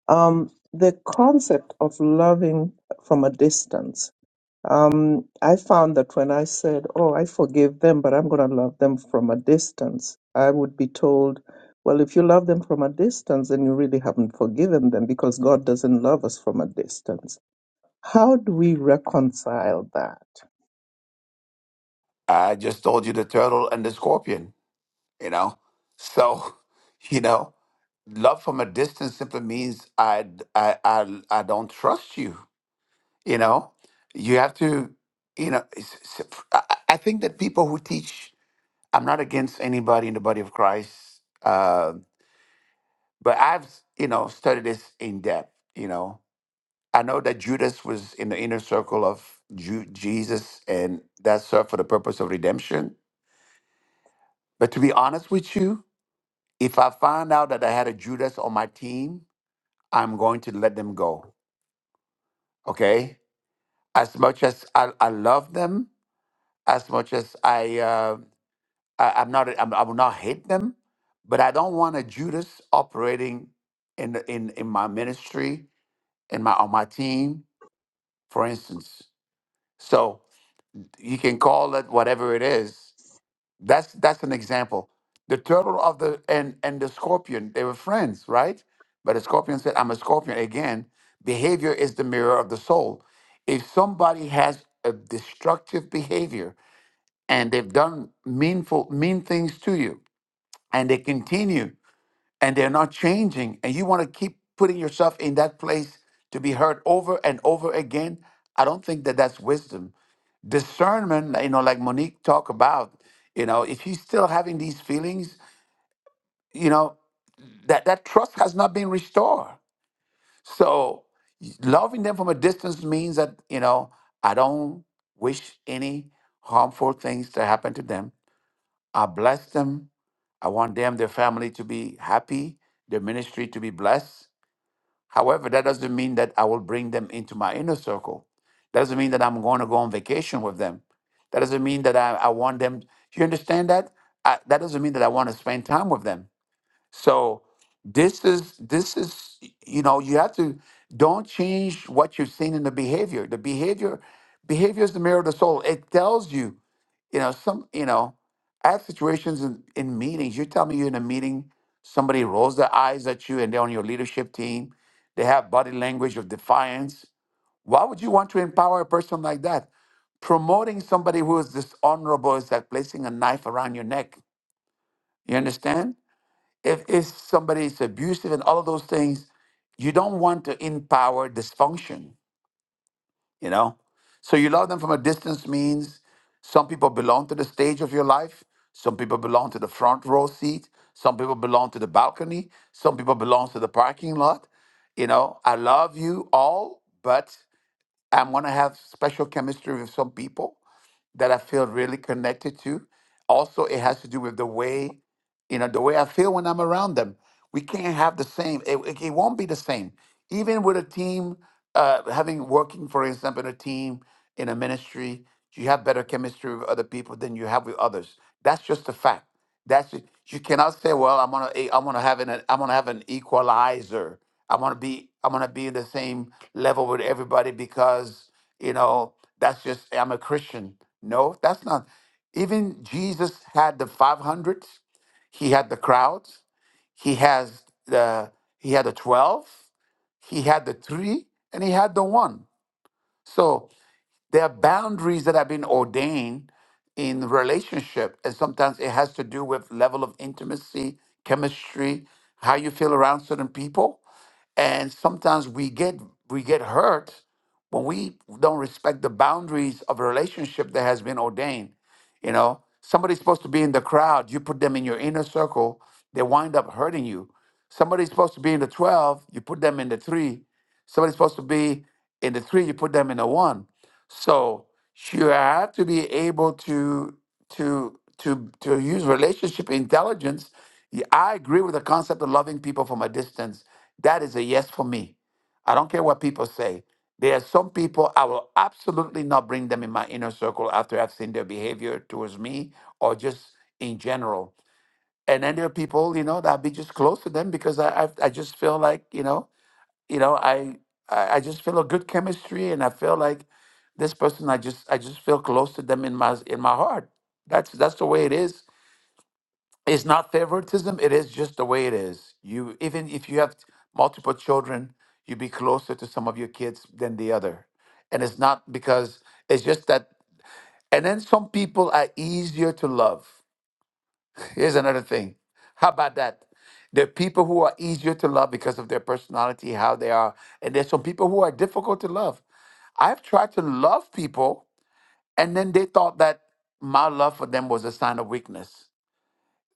B: Um, the concept of loving from a distance. Um, I found that when I said, Oh, I forgive them, but I'm going to love them from a distance, I would be told, Well, if you love them from a distance, then you really haven't forgiven them because God doesn't love us from a distance. How do we reconcile that?
A: I just told you the turtle and the scorpion. You know, so (laughs) you know, love from a distance simply means I d- I I, I don't trust you. You know, you have to. You know, it's, it's- I I- I think that people who teach I'm not against anybody in the body of Christ, uh, but I've you know studied this in depth. You know, I know that Judas was in the inner circle of Ju- Jesus, and that served for the purpose of redemption. But to be honest with you, if I find out that I had a Judas on my team, I'm going to let them go. Okay, as much as I, I love them, as much as I. uh, I, I'm not. I'm, I will not hate them, but I don't want a Judas operating in the- in in my ministry in my on my team, for instance. So you can call it whatever it is. That's that's an example. The turtle of the and and the scorpion, they were friends, right? But the scorpion said, "I'm a scorpion." Again, behavior is the mirror of the soul. If somebody has a destructive behavior and they've done meanful mean things to you, and they continue. and they're not changing, and you want to keep putting yourself in that place to be hurt over and over again, I don't think that that's wisdom. Discernment, like, you know, like Monique talked about, you know, if you're still having these feelings, you know, that, that trust has not been restored. So y- loving them from a distance means that, you know, I don't wish any harmful things to happen to them. I bless them. I want them, their family to be happy, their ministry to be blessed However, that doesn't mean that I will bring them into my inner circle. That doesn't mean that I'm going to go on vacation with them. That doesn't mean that I, I want them. Do you understand that? I, that doesn't mean that I want to spend time with them. So this is this is you know you have to don't change what you've seen in the behavior. The behavior behavior is the mirror of the soul. It tells you, you know, some you know, I have situations in, in meetings. You tell me you're in a meeting, somebody rolls their eyes at you and they're on your leadership team. They have body language of defiance. Why would you want to empower a person like that? Promoting somebody who is dishonorable is like placing a knife around your neck. You understand? if if somebody is abusive and all of those things, you don't want to empower dysfunction, you know? So you love them from a distance means some people belong to the stage of your life, some people belong to the front row seat, some people belong to the balcony, some people belong to the parking lot. You know, I love you all, but I'm gonna have special chemistry with some people that I feel really connected to. Also, it has to do with the way you know the way i feel when i'm around them we can't have the same it, it it won't be the same even with a team uh, having working for example in a team in a ministry you have better chemistry with other people than you have with others that's just a fact that's it. you cannot say well i'm gonna eh, i'm gonna have an i'm gonna have an equalizer i'm gonna be i'm gonna be in the same level with everybody because you know that's just i'm a christian no that's not even jesus had the 500 he had the crowds he has the he had the 12 he had the 3 and he had the 1 so there are boundaries that have been ordained in relationship and sometimes it has to do with level of intimacy chemistry how you feel around certain people and sometimes we get we get hurt when we don't respect the boundaries of a relationship that has been ordained you know somebody's supposed to be in the crowd you put them in your inner circle they wind up hurting you somebody's supposed to be in the 12 you put them in the 3 somebody's supposed to be in the 3 you put them in the 1 so she had to be able to to to to use relationship intelligence. Y- I agree with the concept of loving people from a distance. That is a yes for me. I don't care what people say. There are some people I will absolutely not bring them in my inner circle after I've seen their behavior towards me or just in general. And then there are people, you know, that I'll be just close to them because I I, I just feel like, you know you know I, I i just feel a good chemistry and i feel like this person i just i just feel close to them in my in my heart that's that's the way it is it's not favoritism it is just the way it is you even if you have multiple children you be closer to some of your kids than the other and it's not because it's just that and then some people are easier to love Here's another thing. How about that? There are people who are easier to love because of their personality, how they are, and there's some people who are difficult to love. I've tried to love people, and then they thought that my love for them was a sign of weakness.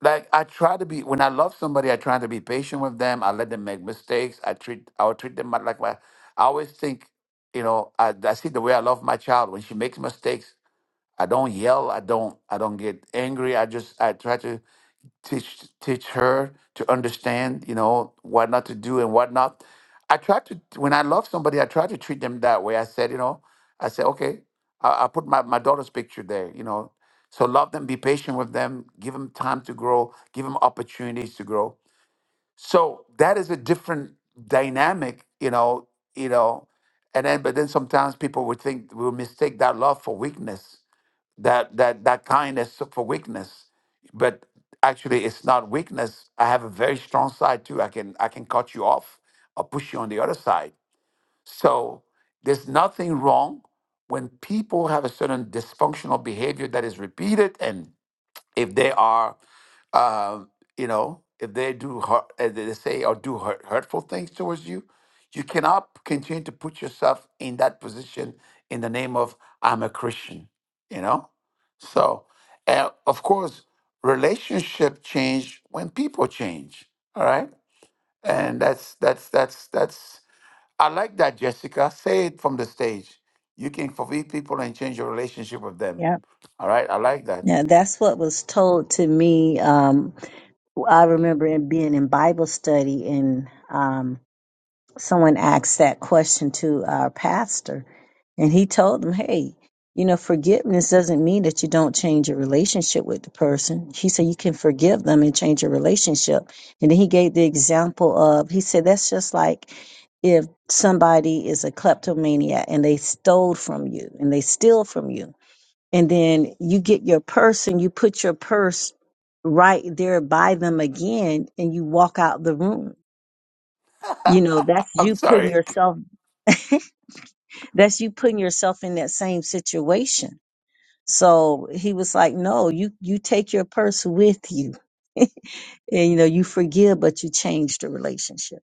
A: Like I try to be when I love somebody, I try to be patient with them. I let them make mistakes. I treat I would treat them like my. I always think, you know, I, I see the way I love my child when she makes mistakes. I don't yell. I don't. I don't get angry. I just. I try to teach teach her to understand. You know what not to do and what not. I try to when I love somebody. I try to treat them that way. I said, you know, I said, okay, I, I put my my daughter's picture there. You know, so love them. Be patient with them. Give them time to grow. Give them opportunities to grow. So that is a different dynamic. You know. You know. And then, but then sometimes people would think will mistake that love for weakness that that that kindness for weakness but actually it's not weakness i have a very strong side too i can i can cut you off or push you on the other side so there's nothing wrong when people have a certain dysfunctional behavior that is repeated and if they are, um, you know, if they do hurt, as they say, or do hurt, hurtful things towards you, you cannot continue to put yourself in that position in the name of I'm a Christian, you know. So, and of course, relationship change when people change. All right, and that's that's that's that's. I like that, Jessica. Say it from the stage. You can forgive people and change your relationship with them.
H: Yep.
A: All right, I like that.
H: Yeah, that's what was told to me. Um, Well, I remember in being in Bible study and um, someone asked that question to our pastor and he told them, Hey, you know, forgiveness doesn't mean that you don't change your relationship with the person. He said you can forgive them and change your relationship. And then he gave the example of he said that's just like if somebody is a kleptomaniac and they stole from you and they steal from you and then you get your purse and you put your purse right there by them again and you walk out the room you know that's
A: I'm
H: you putting
A: sorry. (laughs)
H: yourself that's you putting yourself in that same situation so he was like no you you take your purse with you (laughs) and you know you forgive but you change the relationship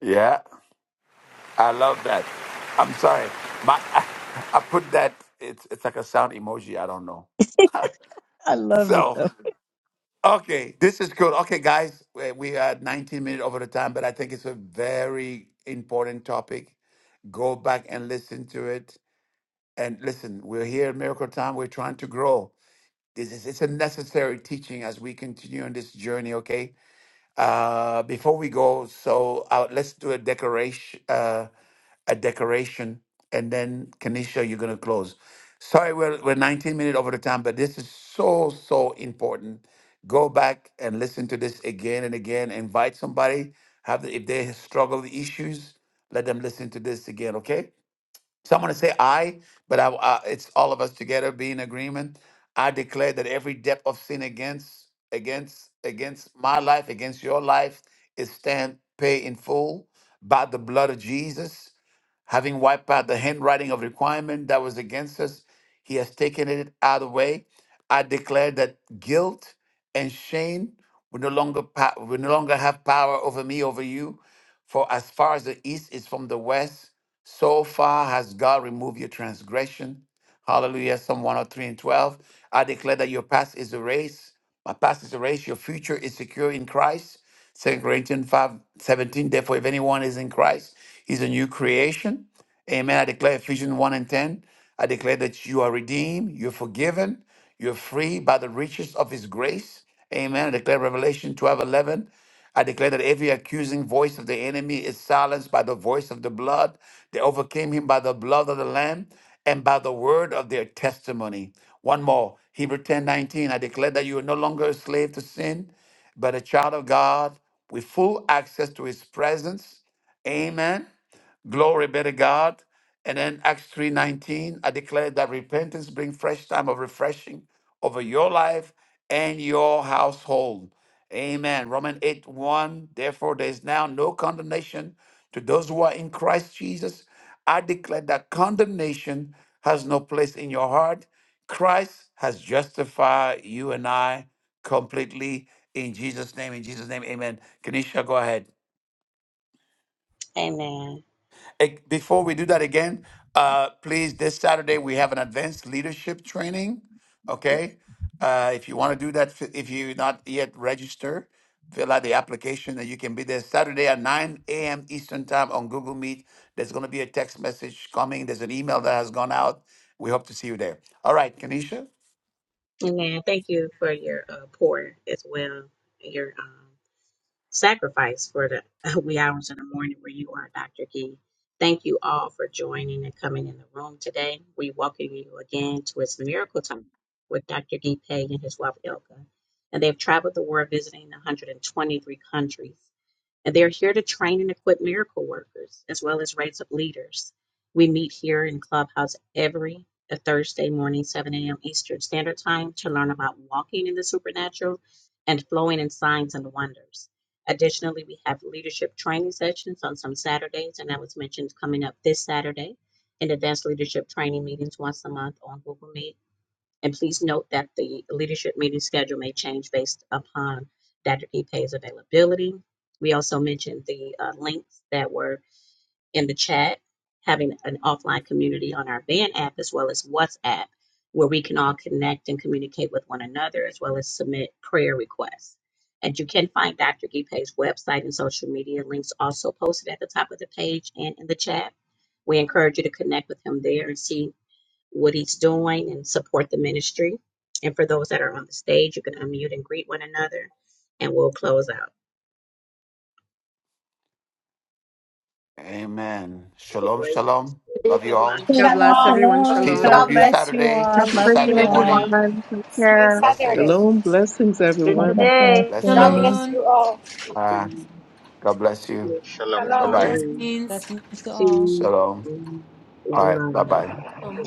A: Yeah, I love that. I'm sorry, my I, I put that. It's it's like a sound emoji. I don't know.
M: I love it
A: So
M: though.
A: okay, this is good. Okay, guys, we we are 19 minutes over the time, but I think it's a very important topic. Go back and listen to it. And listen, we're here at Miracle Time. We're trying to grow. This is it's a necessary teaching as we continue on this journey. Okay, Uh, before we go, so uh, let's do a decoration, uh, a decoration, and then Kanisha, you're gonna close. Sorry, we're we're 19 minutes over the time, but this is so so important. Go back and listen to this again and again. Invite somebody. Have the, if they struggle with issues, let them listen to this again. Okay. So I'm going to say I, but I, I, it's all of us together be in agreement. I declare that every depth of sin against, against, against my life, against your life, is stand pay in full by the blood of Jesus. Having wiped out the handwriting of requirement that was against us, he has taken it out of the way. I declare that guilt and shame will no longer pa- will no longer have power over me, over you. For as far as the east is from the west, so far has God removed your transgression. Hallelujah. Psalm 103 and 12. I declare that your past is erased. My past is erased. Your future is secure in Christ. Second Corinthians 5 17. Therefore, if anyone is in Christ, he's a new creation. Amen. I declare Ephesians 1 and 10. I declare that you are redeemed, you're forgiven, you're free by the riches of his grace. Amen. I declare Revelation 12 11. I declare that every accusing voice of the enemy is silenced by the voice of the blood. They overcame him by the blood of the Lamb and by the word of their testimony. One more, Hebrew 10 19. I declare that you are no longer a slave to sin, but a child of God with full access to his presence. Amen. Glory be to God. And then Acts 3:19, I declare that repentance brings fresh time of refreshing over your life and your household. Amen. Romans 8 1. Therefore, there is now no condemnation to those who are in Christ Jesus. I declare that condemnation has no place in your heart. Christ has justified you and I completely in Jesus' name. In Jesus' name, amen. Kenisha, go ahead.
L: Amen.
A: Eh, Before we do that again, uh, please, this Saturday, we have an advanced leadership training. Okay. Uh, if you want to do that, fi- if you're not yet registered, fill out the application and you can be there Saturday at 9 a.m. Eastern Time on Google Meet. There's going to be a text message coming, there's an email that has gone out. We hope to see you there. All right, Kanisha.
L: Amen. Thank you for your uh, pour as well. Your um. sacrifice for the (laughs) wee hours in the morning where you are, Dr. Gee. Thank you all for joining and coming in the room today. We welcome you again to its miracle time with Dr. Gee Pei and his wife Ilka. And they've traveled the world visiting 123 countries and they are here to train and equip miracle workers as well as raise up leaders. We meet here in Clubhouse every Thursday morning, 7 a.m. Eastern Standard Time, to learn about walking in the supernatural and flowing in signs and wonders. Additionally, we have leadership training sessions on some Saturdays, and that was mentioned coming up this Saturday, and advanced leadership training meetings once a month on Google Meet and please note that the leadership meeting schedule may change based upon Dr. Gipe's availability. We also mentioned the uh, links that were in the chat, having an offline community on our band app as well as WhatsApp, where we can all connect and communicate with one another as well as submit prayer requests. And you can find Dr. Gipe's website and social media links also posted at the top of the page and in the chat. We encourage you to connect with him there and see what he's doing and support the ministry. And for those that are on the stage, you can unmute and greet one another, and we'll close out.
A: Amen.
L: The
A: Shalom, shalom. Love you all.
N: God bless
M: (laughs) Shalom,
N: everyone.
F: Shalom.
O: Love
A: See
M: shalom.
A: some
M: God
O: you.
A: of
F: God
A: you
M: bless
F: bless you.
M: you
A: Saturday.
G: Have
M: all.
G: a
A: See you
M: Love
G: great
C: God
M: you
G: day,
A: Saturday
C: bless you.
G: everyone.
M: all.
A: morning.
G: Take
F: See
G: care.
F: you Saturday.
A: Blessings,
B: Shalom, blessings,
H: Here
M: God
B: everyone.
H: today.
M: bless
F: God
M: you.
A: blessings.
F: bless
I: Shalom.
F: you all.
A: God bless you.
D: Shalom,
A: Bye
D: shalom.
I: Kingdom
F: Shalom.
A: bye.
I: blessings.
K: Blessings to all.
A: Shalom. All right. Bye bye.
I: Shalom.